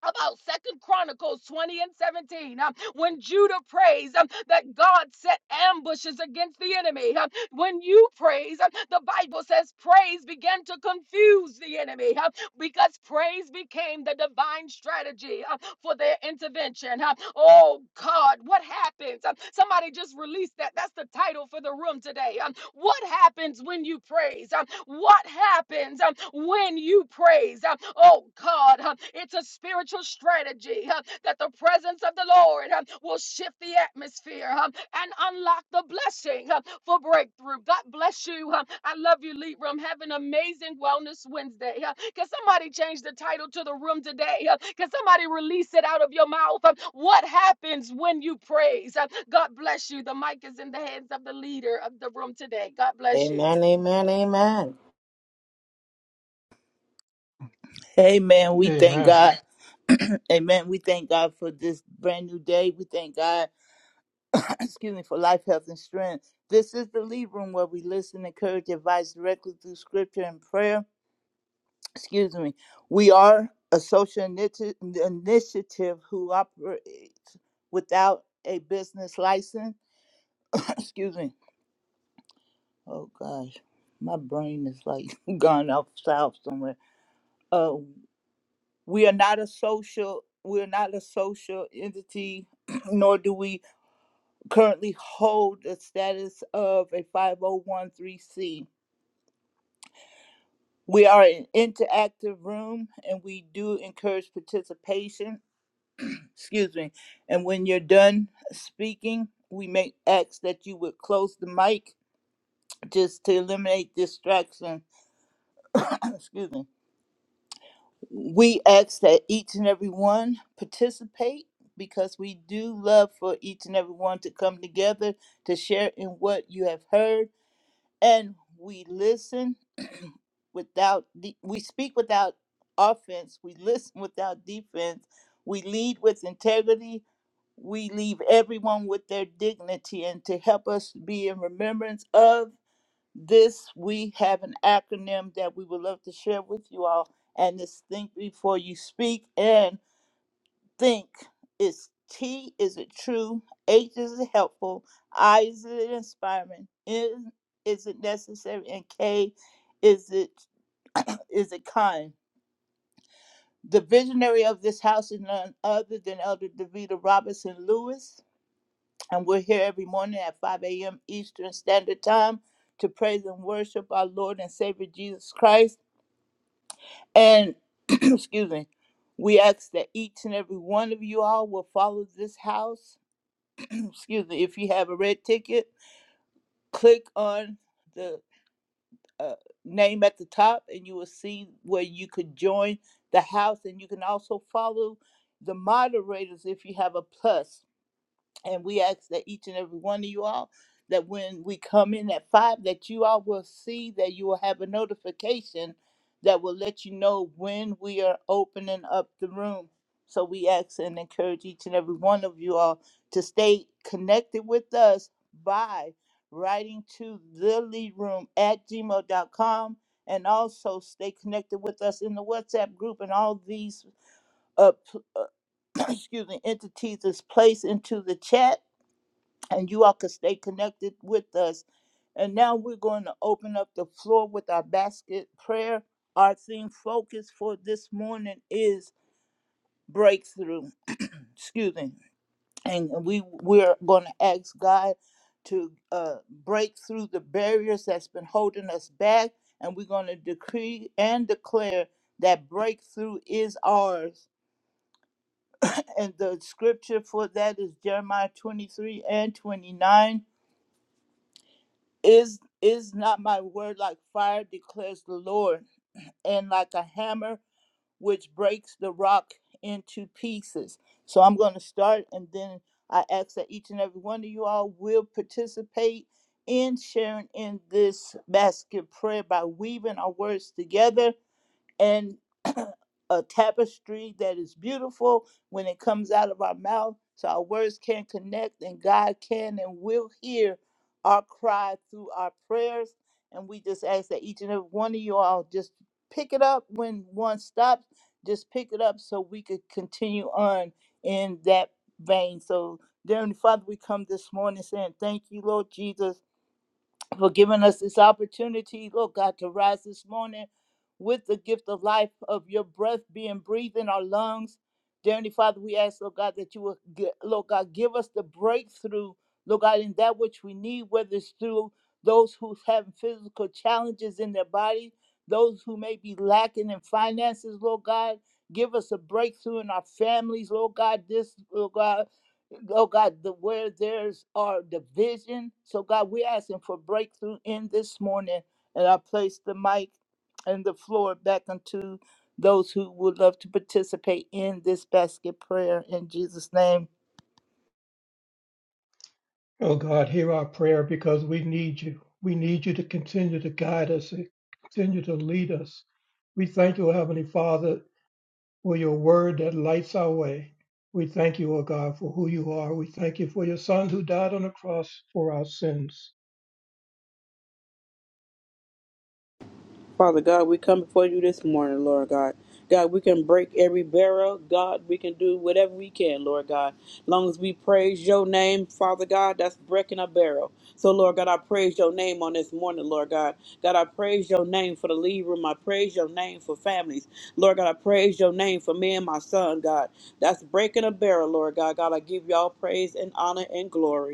about second chronicles 20 and 17 um, when judah prays um, that god set ambushes against the enemy um, when you praise um, the bible says praise began to confuse the enemy um, because praise became the divine strategy uh, for their intervention um, oh god what happens um, somebody just released that that's the title for the room today um, what happens when you praise um, what happens um, when you praise um, oh god God. huh, It's a spiritual strategy huh, that the presence of the Lord huh, will shift the atmosphere huh, and unlock the blessing huh, for breakthrough. God bless you. huh. I love you, Lead Room. Have an amazing Wellness Wednesday. huh. Can somebody change the title to the room today? huh? Can somebody release it out of your mouth? huh? What happens when you praise? huh? God bless you. The mic is in the hands of the leader of the room today. God bless you.
Amen, amen, amen.
Amen. We thank
Amen.
God. Amen. We thank God for this brand new day. We thank God, excuse me, for life, health, and strength. This is the lead room where we listen, encourage, advise directly through scripture and prayer. Excuse me. We are a social initi- initiative who operates without a business license excuse me. Oh gosh, my brain is like gone off south somewhere. Uh, we are not a social. We are not a social entity, nor do we currently hold the status of a 501c. We are an interactive room, and we do encourage participation. Excuse me. And when you're done speaking, we may ask that you would close the mic just to eliminate distraction. excuse me We ask that each and every one participate because we do love for each and every one to come together to share in what you have heard and we listen without de- we speak without offense, we listen without defense, we lead with integrity, we leave everyone with their dignity and to help us be in remembrance of this we have an acronym that we would love to share with you all, and it's think before you speak and think. It's T is it true? H is it helpful? I is it inspiring? N is it necessary? And K is it is it kind? The visionary of this house is none other than Elder Davita Robinson Lewis. And we're here every morning at 5 a.m. Eastern Standard Time to praise and worship our Lord and Savior Jesus Christ. And, excuse me, we ask that each and every one of you all will follow this house. excuse me, if you have a red ticket, click on the uh, name at the top and you will see where you could join the house. And you can also follow the moderators if you have a plus. And we ask that each and every one of you all, that when we come in at five, that you all will see that you will have a notification that will let you know when we are opening up the room. So we ask and encourage each and every one of you all to stay connected with us by writing to the lead room at gmail.com and also stay connected with us in the WhatsApp group and all these uh, p- uh, excuse me entities is placed into the chat and you all can stay connected with us. And now we're going to open up the floor with our basket prayer. Our theme focus for this morning is breakthrough. Excuse me. And we we're going to ask God to uh, break through the barriers that's been holding us back, and we're going to decree and declare that breakthrough is ours. And the scripture for that is Jeremiah 23 and 29 Is is not my word like fire, declares the Lord, and like a hammer which breaks the rock into pieces. So I'm going to start, and then I ask that each and every one of you all will participate in sharing in this basket prayer by weaving our words together and a tapestry that is beautiful when it comes out of our mouth so our words can connect and God can and will hear our cry through our prayers. And we just ask that each and every one of you all just pick it up when one stops, just pick it up so we could continue on in that vein. So, dear Heavenly Father, we come this morning saying, Thank you, Lord Jesus for giving us this opportunity, Lord God, to rise this morning with the gift of life of your breath being breathed in our lungs. Dear Heavenly Father, we ask, Lord God, that you will, gi- Lord God, give us the breakthrough, Lord God, in that which we need, whether it's through those who have physical challenges in their body, those who may be lacking in finances, Lord God. Give us a breakthrough in our families, Lord God, this, Lord God oh God, the where there's our division. So God, we're asking for breakthrough in this morning. And I place the mic and the floor back unto those who would love to participate in this basket prayer in Jesus' name.
Oh God, hear our prayer because we need you. We need you to continue to guide us, and continue to lead us. We thank you, Heavenly Father, for your word that lights our way. We thank you, O God, for who you are. We thank you for your Son who died on the cross for our sins.
Father God, we come before you this morning, Lord God. God, we can break every barrel. God, we can do whatever we can, Lord God. Long as we praise your name, Father God, that's breaking a barrel. So, Lord God, I praise your name on this morning, Lord God. God, I praise your name for the lead room. I praise your name for families. Lord God, I praise your name for me and my son, God. That's breaking a barrel, Lord God. God, I give y'all praise and honor and glory.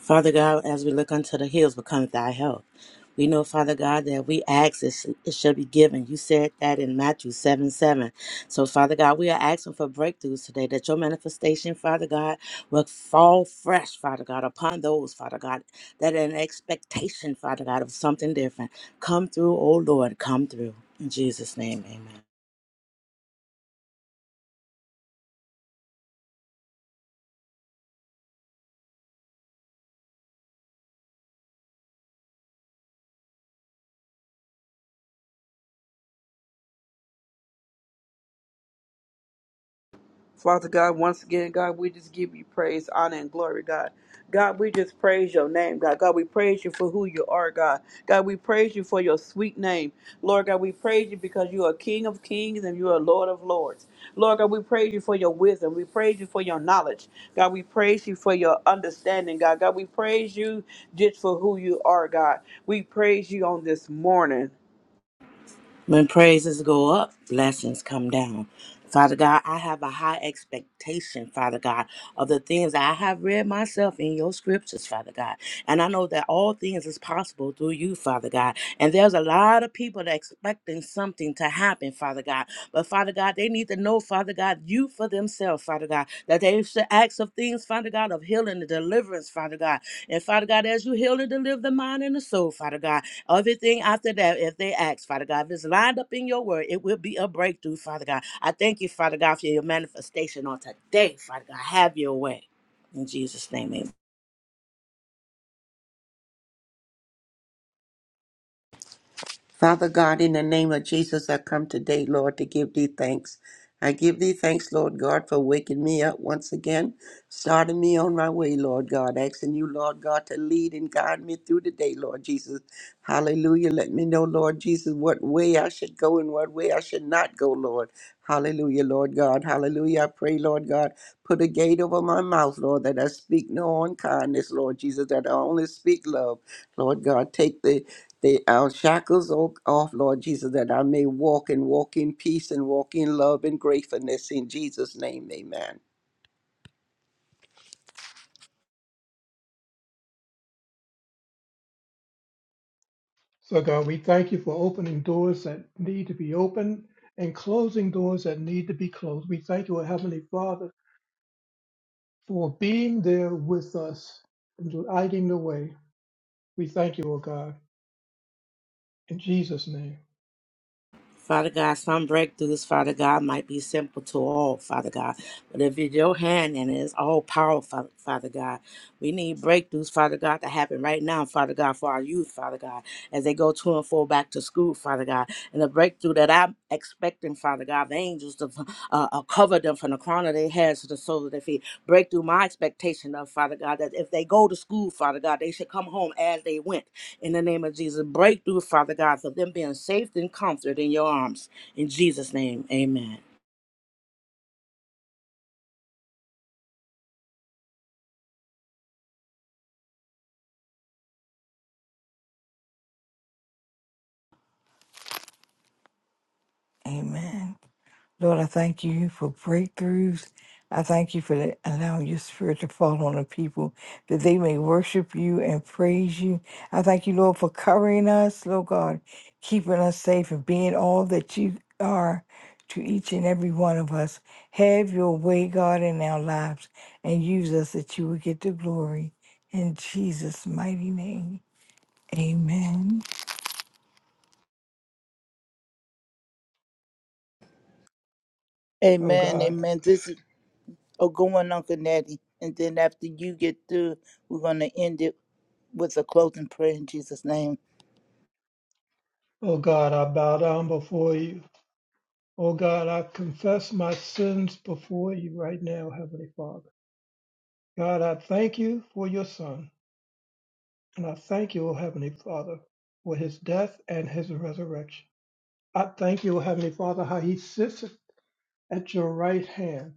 Father God, as we look unto the hills, becometh thy help. We know, Father God, that we ask, it, sh- it shall be given. You said that in Matthew 7 7. So, Father God, we are asking for breakthroughs today that your manifestation, Father God, will fall fresh, Father God, upon those, Father God, that are in expectation, Father God, of something different. Come through, O Lord, come through. In Jesus' name, amen.
Father God, once again, God, we just give you praise, honor, and glory, God. God, we just praise your name, God. God, we praise you for who you are, God. God, we praise you for your sweet name. Lord God, we praise you because you are King of kings and you are Lord of lords. Lord God, we praise you for your wisdom. We praise you for your knowledge. God, we praise you for your understanding, God. God, we praise you just for who you are, God. We praise you on this morning.
When praises go up, blessings come down. Father God, I have a high expectation, Father God, of the things I have read myself in your scriptures, Father God. And I know that all things is possible through you, Father God. And there's a lot of people that expecting something to happen, Father God. But Father God, they need to know, Father God, you for themselves, Father God, that they should ask of things, Father God, of healing and deliverance, Father God. And Father God, as you heal and deliver the mind and the soul, Father God, Everything after that, if they ask, Father God, if it's lined up in your word, it will be a breakthrough, Father God. I thank you, Father God, for your manifestation on today, Father God. Have your way. In Jesus' name, amen.
Father God, in the name of Jesus, I come today, Lord, to give thee thanks. I give thee thanks, Lord God, for waking me up once again, starting me on my way, Lord God, asking you, Lord God, to lead and guide me through the day, Lord Jesus. Hallelujah. Let me know, Lord Jesus, what way I should go and what way I should not go, Lord. Hallelujah, Lord God. Hallelujah. I pray, Lord God, put a gate over my mouth, Lord, that I speak no unkindness, Lord Jesus, that I only speak love. Lord God, take the the our shackles o- off, Lord Jesus, that I may walk and walk in peace and walk in love and gratefulness in Jesus' name, amen.
So, God, we thank you for opening doors that need to be opened and closing doors that need to be closed. We thank you, O Heavenly Father, for being there with us and lighting the way. We thank you, O God, in Jesus' name.
Father God, some breakthroughs, Father God, might be simple to all, Father God. But if it's your hand and it's all powerful, Father God, we need breakthroughs, Father God, to happen right now, Father God, for our youth, Father God, as they go to and fro back to school, Father God. And the breakthrough that I'm expecting, Father God, the angels to uh, uh, cover them from the crown of their heads to the sole of their feet. Break through my expectation of, Father God, that if they go to school, Father God, they should come home as they went in the name of Jesus. Breakthrough, Father God, for them being safe and comforted in your arms. In Jesus' name, amen.
Amen. Lord, I thank you for breakthroughs. I thank you for the- allowing your spirit to fall on the people that they may worship you and praise you. I thank you, Lord, for covering us, Lord God, keeping us safe and being all that you are to each and every one of us. Have your way, God, in our lives and use us that you will get the glory. In Jesus' mighty name, amen.
O
Amen.
God,
Amen. This is oh going Uncle Natty. And then after you get through, we're gonna end it with a closing prayer in Jesus' name.
O God, I bow down before you. O God, I confess my sins before you right now, Heavenly Father. God, I thank you for your Son, and I thank you, O Heavenly Father, for his death and his resurrection. I thank you, O Heavenly Father, how he sits at your right hand,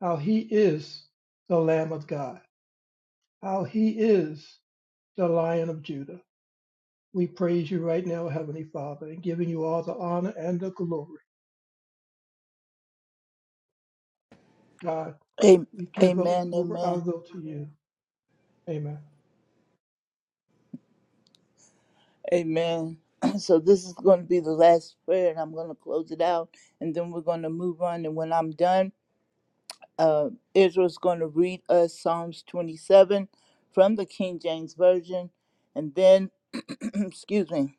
how he is the Lamb of God, how he is the Lion of Judah. We praise you right now, Heavenly Father, and giving you all the honor and the glory. God,
Am-
we give up
Amen.
over our
Amen.
will to you. Amen.
Amen. So this is going to be the last prayer, and I'm going to close it out, and then we're going to move on. And when I'm done, uh, Israel's going to read us Psalms 27 from the King James Version, and then, excuse me,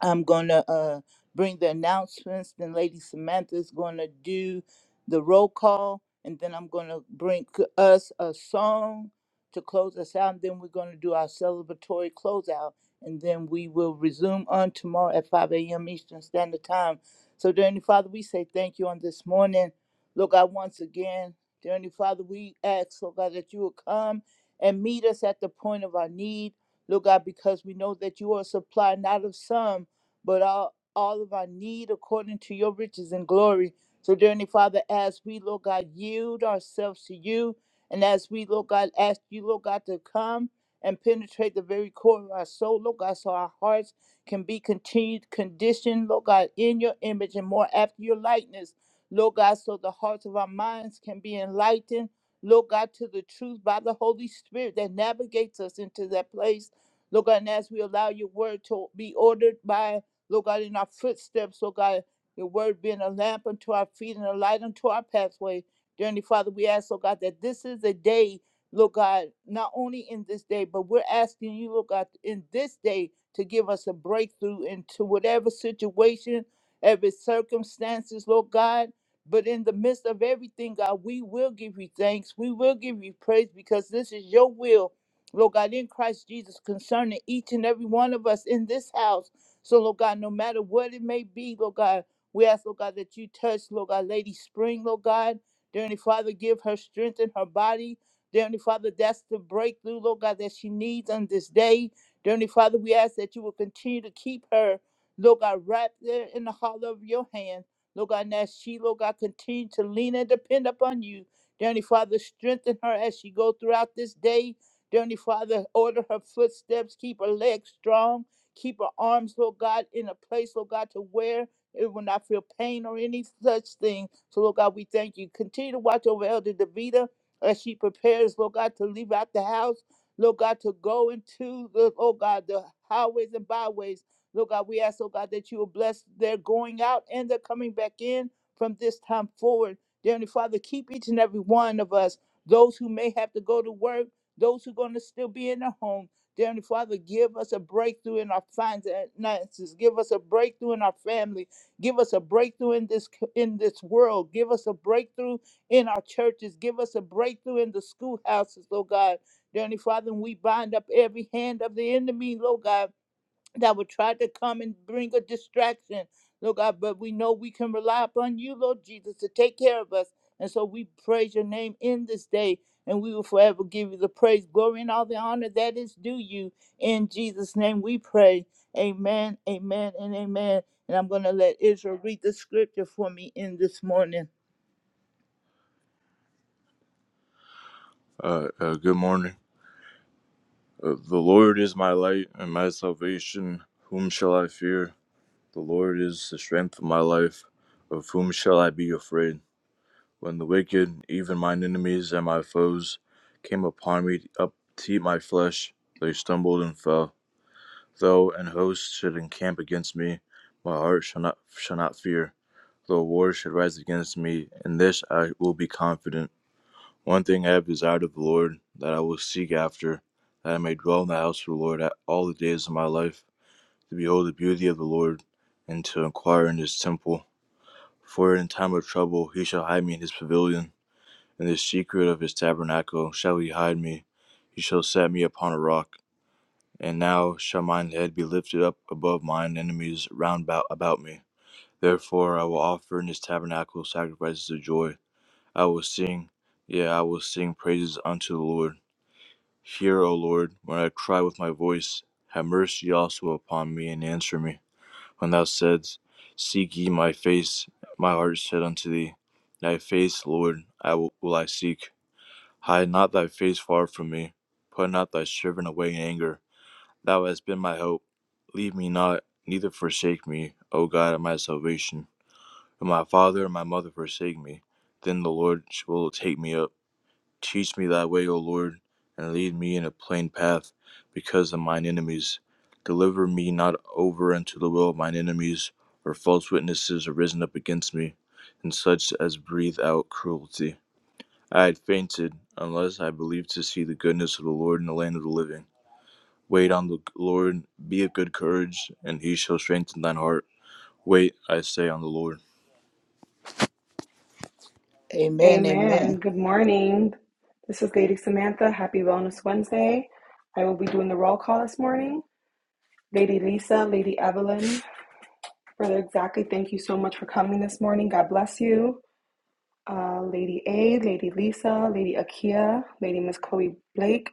I'm going to uh, bring the announcements. Then Lady Samantha's going to do the roll call. And then I'm going to bring c- us a song to close us out. And then we're going to do our celebratory closeout. And then we will resume on tomorrow at 5 a.m. Eastern Standard Time. So, dear Heavenly Father, we say thank you on this morning. Lord God, once again, dear Heavenly Father, we ask, Lord God, that you will come and meet us at the point of our need. Lord God, because we know that you are a supply not of some but all, all of our need according to your riches and glory. So, dear Heavenly Father, as we, Lord God, yield ourselves to you, and as we, Lord God, ask you, Lord God, to come and penetrate the very core of our soul, Lord God, so our hearts can be continued, conditioned, Lord God, in your image and more after your likeness, Lord God, so the hearts of our minds can be enlightened, Lord God, to the truth by the Holy Spirit that navigates us into that place. Lord God, and as we allow your word to be ordered by Lord God, in our footsteps, Lord God, your word being a lamp unto our feet and a light unto our pathway. Dear Heavenly Father, we ask, Lord God, that this is a day, Lord God, not only in this day, but we're asking you, Lord God, in this day to give us a breakthrough into whatever situation, every circumstances, Lord God. But in the midst of everything, God, we will give you thanks. We will give you praise because this is your will, Lord God, in Christ Jesus, concerning each and every one of us in this house. So, Lord God, no matter what it may be, Lord God, we ask, Lord God, that you touch, Lord God, Lady Spring, Lord God. Dear Heavenly Father, give her strength in her body. Dear Heavenly Father, that's the breakthrough, Lord God, that she needs on this day. Dear Heavenly Father, we ask that you will continue to keep her, Lord God, wrapped there in the hollow of your hand. Lord God, and as she, Lord God, continue to lean and depend upon you. Dear Heavenly Father, strengthen her as she go throughout this day. Dear Heavenly Father, order her footsteps, keep her legs strong. Keep her arms, Lord God, in a place, Lord God, to where it will not feel pain or any such thing. So, Lord God, we thank you. Continue to watch over Elder Davida as she prepares, Lord God, to leave out the house, Lord God, to go into the, oh God, the highways and byways. Lord God, we ask, oh God, that you will bless their going out and their coming back in from this time forward. Dear Heavenly Father, keep each and every one of us, those who may have to go to work, those who are going to still be in their homes. Dear Heavenly Father, give us a breakthrough in our finances. Give us a breakthrough in our family. Give us a breakthrough in this in this world. Give us a breakthrough in our churches. Give us a breakthrough in the schoolhouses, Lord God. Dear Heavenly Father, we bind up every hand of the enemy, Lord God that would try to come and bring a distraction, Lord God. But we know we can rely upon you, Lord Jesus, to take care of us. And so we praise your name in this day, and we will forever give you the praise, glory, and all the honor that is due you. In Jesus' name we pray. Amen, amen, and amen. And I'm going to let Israel read the scripture for me in this morning. Uh, uh, good morning. Uh, the Lord is my light and my salvation. Whom shall I fear? The Lord is the strength of my life. Of whom shall I be afraid? When the wicked, even mine enemies and my foes, came upon me up to eat my flesh, they stumbled and fell. Though an host should encamp against me, my heart shall not shall not fear. Though war should rise against me, in this I will be confident. One thing I have desired of the Lord, that I will seek after, that I may dwell in the house of the Lord all the days of my life, to behold the beauty of the Lord, and to inquire in his temple. For in time of trouble he shall hide me in his pavilion. In the secret of his tabernacle shall he hide me. He shall set me upon a rock. And now shall mine head be lifted up above mine enemies round about, about me. Therefore I will offer in his tabernacle sacrifices of joy. I will sing, yea, I will sing praises unto the Lord. Hear, O Lord, when I cry with my voice. Have mercy also upon me and answer me when thou saidst, Seek ye my face, my heart said unto thee, Thy face, Lord, I will, will I seek. Hide not thy face far from me. Put not thy servant away in anger. Thou hast been my hope. Leave me not, neither forsake me, O God of my salvation. When my father and my mother forsake me, then the Lord will take me up. Teach me thy way, O Lord, and lead me in a plain path because of mine enemies. Deliver me not over unto the will of mine enemies, or false witnesses are risen up against me, and such as breathe out cruelty. I had fainted unless I believed to see the goodness of the Lord in the land of the living. Wait on the Lord, be of good courage, and he shall strengthen thine heart. Wait, I say, on the Lord. Amen.
Amen.
Amen.
Good morning. This is Lady Samantha. Happy Wellness Wednesday. I will be doing the roll call this morning. Lady Lisa, Lady Evelyn, Brother Exactly, thank you so much for coming this morning. God bless you. Uh, Lady A, Lady Lisa, Lady Akia, Lady Miss Chloe Blake,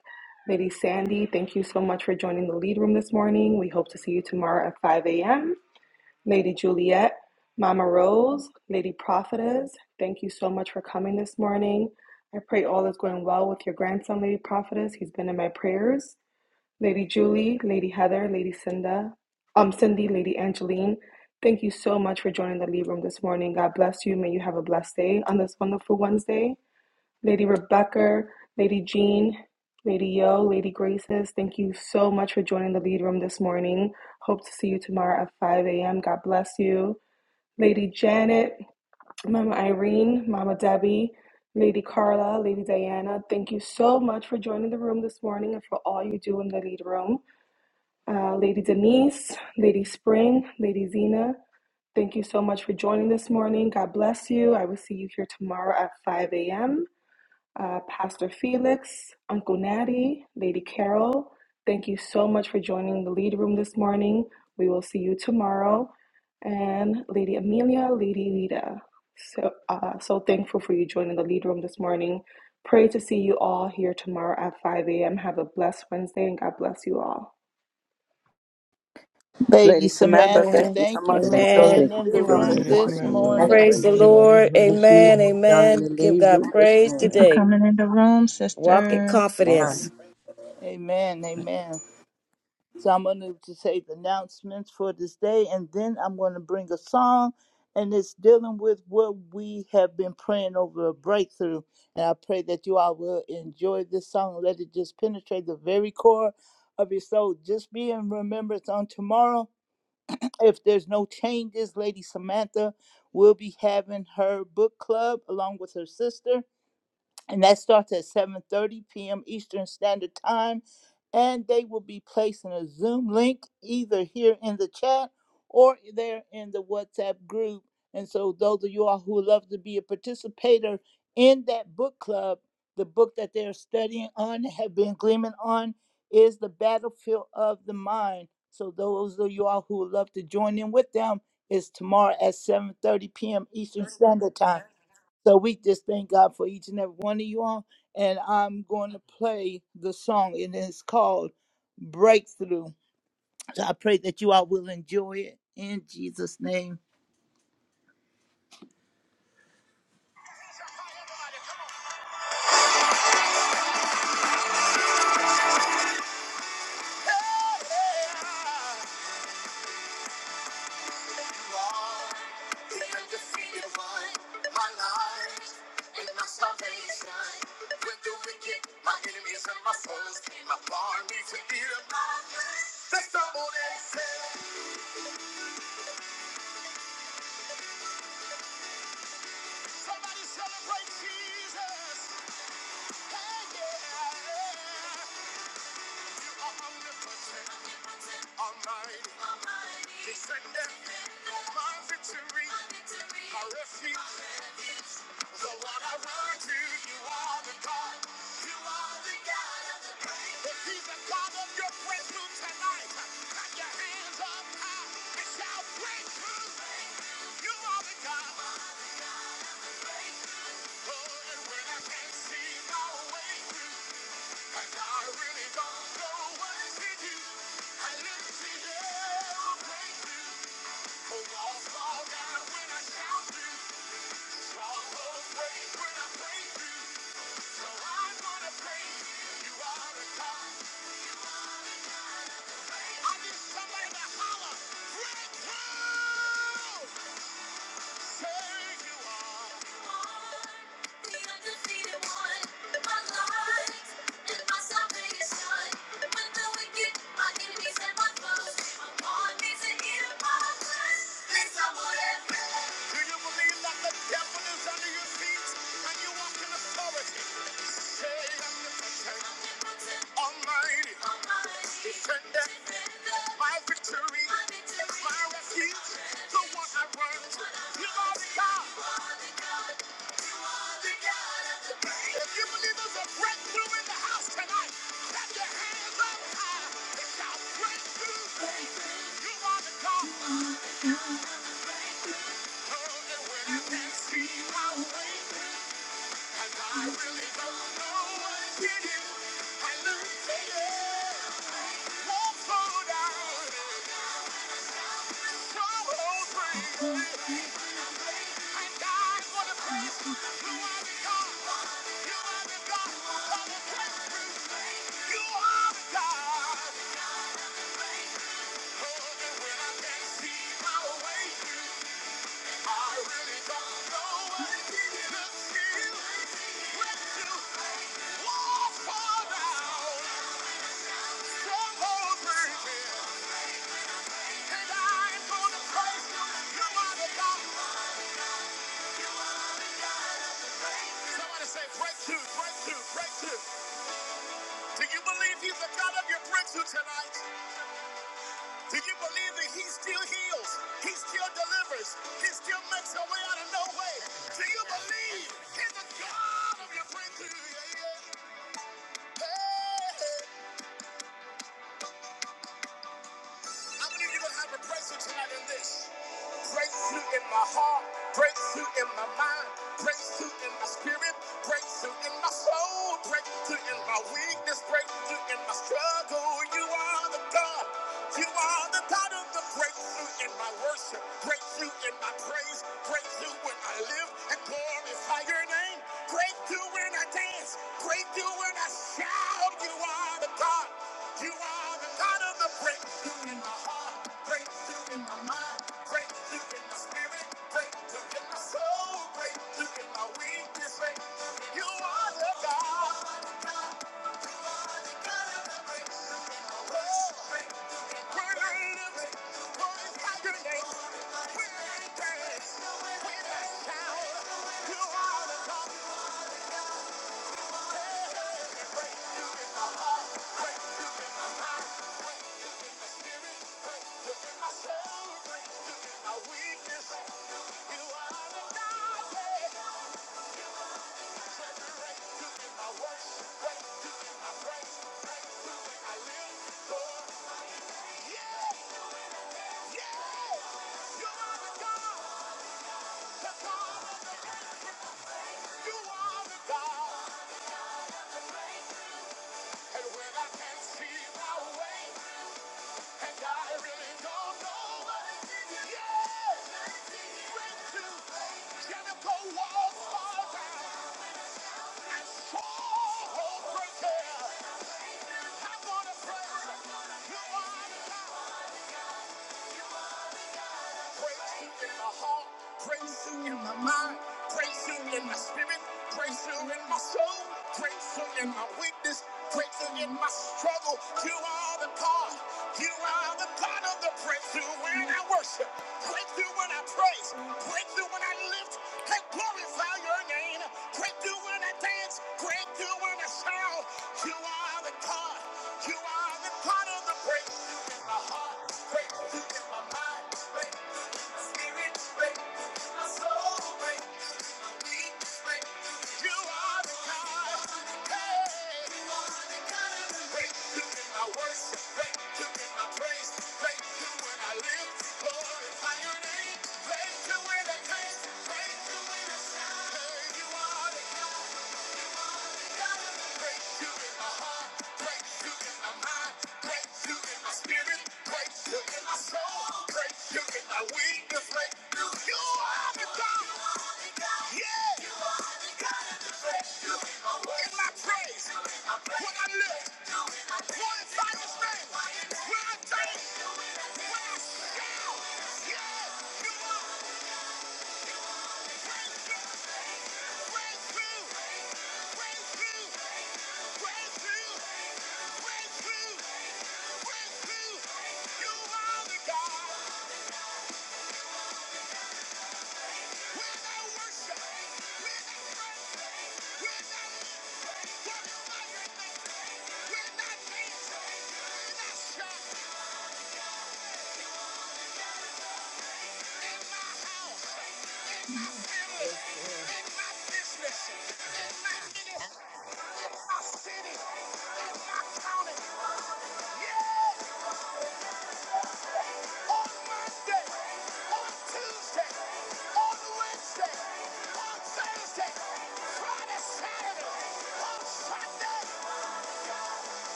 Lady Sandy, thank you so much for joining the lead room this morning. We hope to see you tomorrow at 5 a.m. Lady Juliet, Mama Rose, Lady Prophetess, thank you so much for coming this morning. I pray all is going well with your grandson, Lady Prophetess. He's been in my prayers. Lady Julie, Lady Heather, Lady Cinda, um, Cindy, Lady Angeline, thank you so much for joining the Lead Room this morning. God bless you. May you have a blessed day on this wonderful Wednesday. Lady Rebecca, Lady Jean, Lady Yo, Lady Graces, thank you so much for joining the lead room this morning. Hope to see you tomorrow at 5 a.m. God bless you. Lady Janet, Mama Irene, Mama Debbie, Lady Carla, Lady Diana, thank you so much for joining the room this morning and for all you do in the lead room. Uh, Lady Denise, Lady Spring, Lady Zena, thank you so much for joining this morning. God bless you. I will see you here tomorrow at 5 a.m uh, Pastor Felix, Uncle Natty, Lady Carol. Thank you so much for joining the lead room this morning. We will see you tomorrow. And Lady Amelia, Lady Lita. So, uh, so thankful for you joining the lead room this morning. Pray to see you all here tomorrow at 5 a.m. Have a blessed Wednesday and God bless you all.
Lady
Lady Samantha,
Samantha,
thank
Amen.
you so
thank you
much
Samantha,
for
for your
being
Amen.
thank you
in
for
the
living room
joining
room
this
Lady
us
morning.
this
in the
Samantha,
room
thank
morning.
and
you for
Praise
praise
the
the
being in the
Lord.
Lord.
lead room
Thank
this
you
Amen.
for
morning.
joining
Amen.
the
Give
lead
God
room this
praise
Thank you
morning.
for
today.
coming in the room,
Walk in
sister.
confidence.
Man.
Amen. Amen. So I'm going to just say the announcements for this day, and then I'm going to bring a song, and it's dealing with what we have been praying over a breakthrough. And I pray that you all will enjoy this song. Let it just penetrate the very core of your soul. Just be in remembrance on tomorrow. If there's no changes, Lady Samantha will be having her book club along with her sister and that starts at 7:30 p.m. Eastern Standard Time. And they will be placing a Zoom link either here in the chat or there in the WhatsApp group. And so, those of you all who would love to be a participator in that book club, the book that they're studying on, have been gleaming on, is The Battlefield of the Mind. So, those of you all who would love to join in with them is tomorrow at 7:30 p.m. Eastern Standard Time. So we just thank God for each and every one of you all. And I'm going to play the song, and it's called Breakthrough. So I pray that you all will enjoy it in Jesus' name.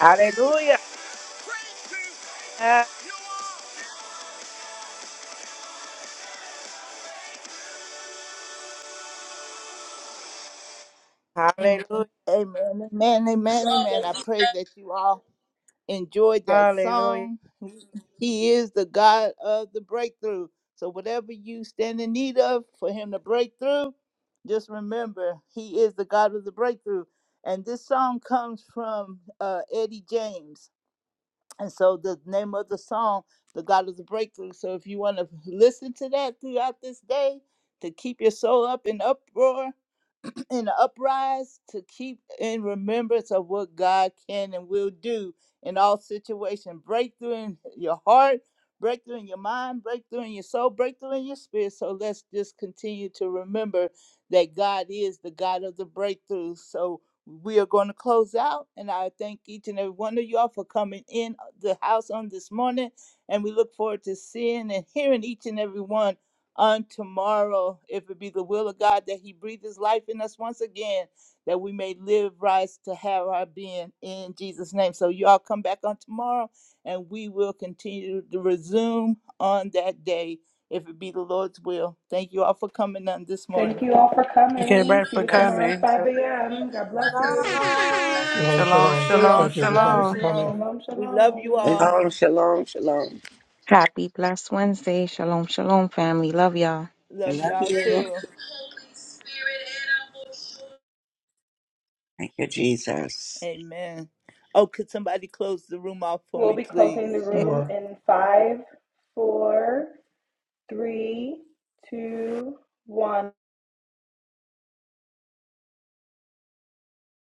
Hallelujah. Hallelujah.
Amen, amen, amen, amen. I pray that you all enjoyed that
Hallelujah.
song. He is the God of the breakthrough. So, whatever you stand in need of for Him to break through, just remember He is the God of the breakthrough. And this song comes from uh, Eddie James. And so the name of the song, The God is a Breakthrough. So if you want to listen to that throughout this day to keep your soul up in uproar, in the uprise, to keep in remembrance of what God can and will do in all situations. Breakthrough in your heart, breakthrough in your mind, breakthrough in your soul, breakthrough in your spirit. So let's just continue to remember that God is the God of the breakthrough. So we are going to close out and i thank each and every one of y'all for coming in uh, the house on this morning and we look forward to seeing and hearing each and every one on tomorrow if it be the will of god that he breathe his life in us once again that we may live rise to have our being in jesus name so y'all come back on tomorrow and we will continue to resume on that day if it be the lord's will thank you all for coming on this
Thank
morning
you all for
Thank you,
coming.
everybody,
See
for
you
Blessings.
tomorrow at
coming.
5 a.m. God bless you.
Shalom.
Shalom,
Shalom,
shalom.
shalom,
shalom
Thank you,
shalom
everybody, for
shalom.
coming.
shalom
Shalom,
we love you
shalom.
all
Shalom, shalom, shalom.
Happy, blessed Wednesday. Shalom, shalom, family. Love y'all.
I
Love
love
y'all
you.
too.
Thank you, Jesus.
Amen. Oh, could somebody close the room off for
We'll
me,
be closing
please?
the room
sure
in five, four, three, two, one.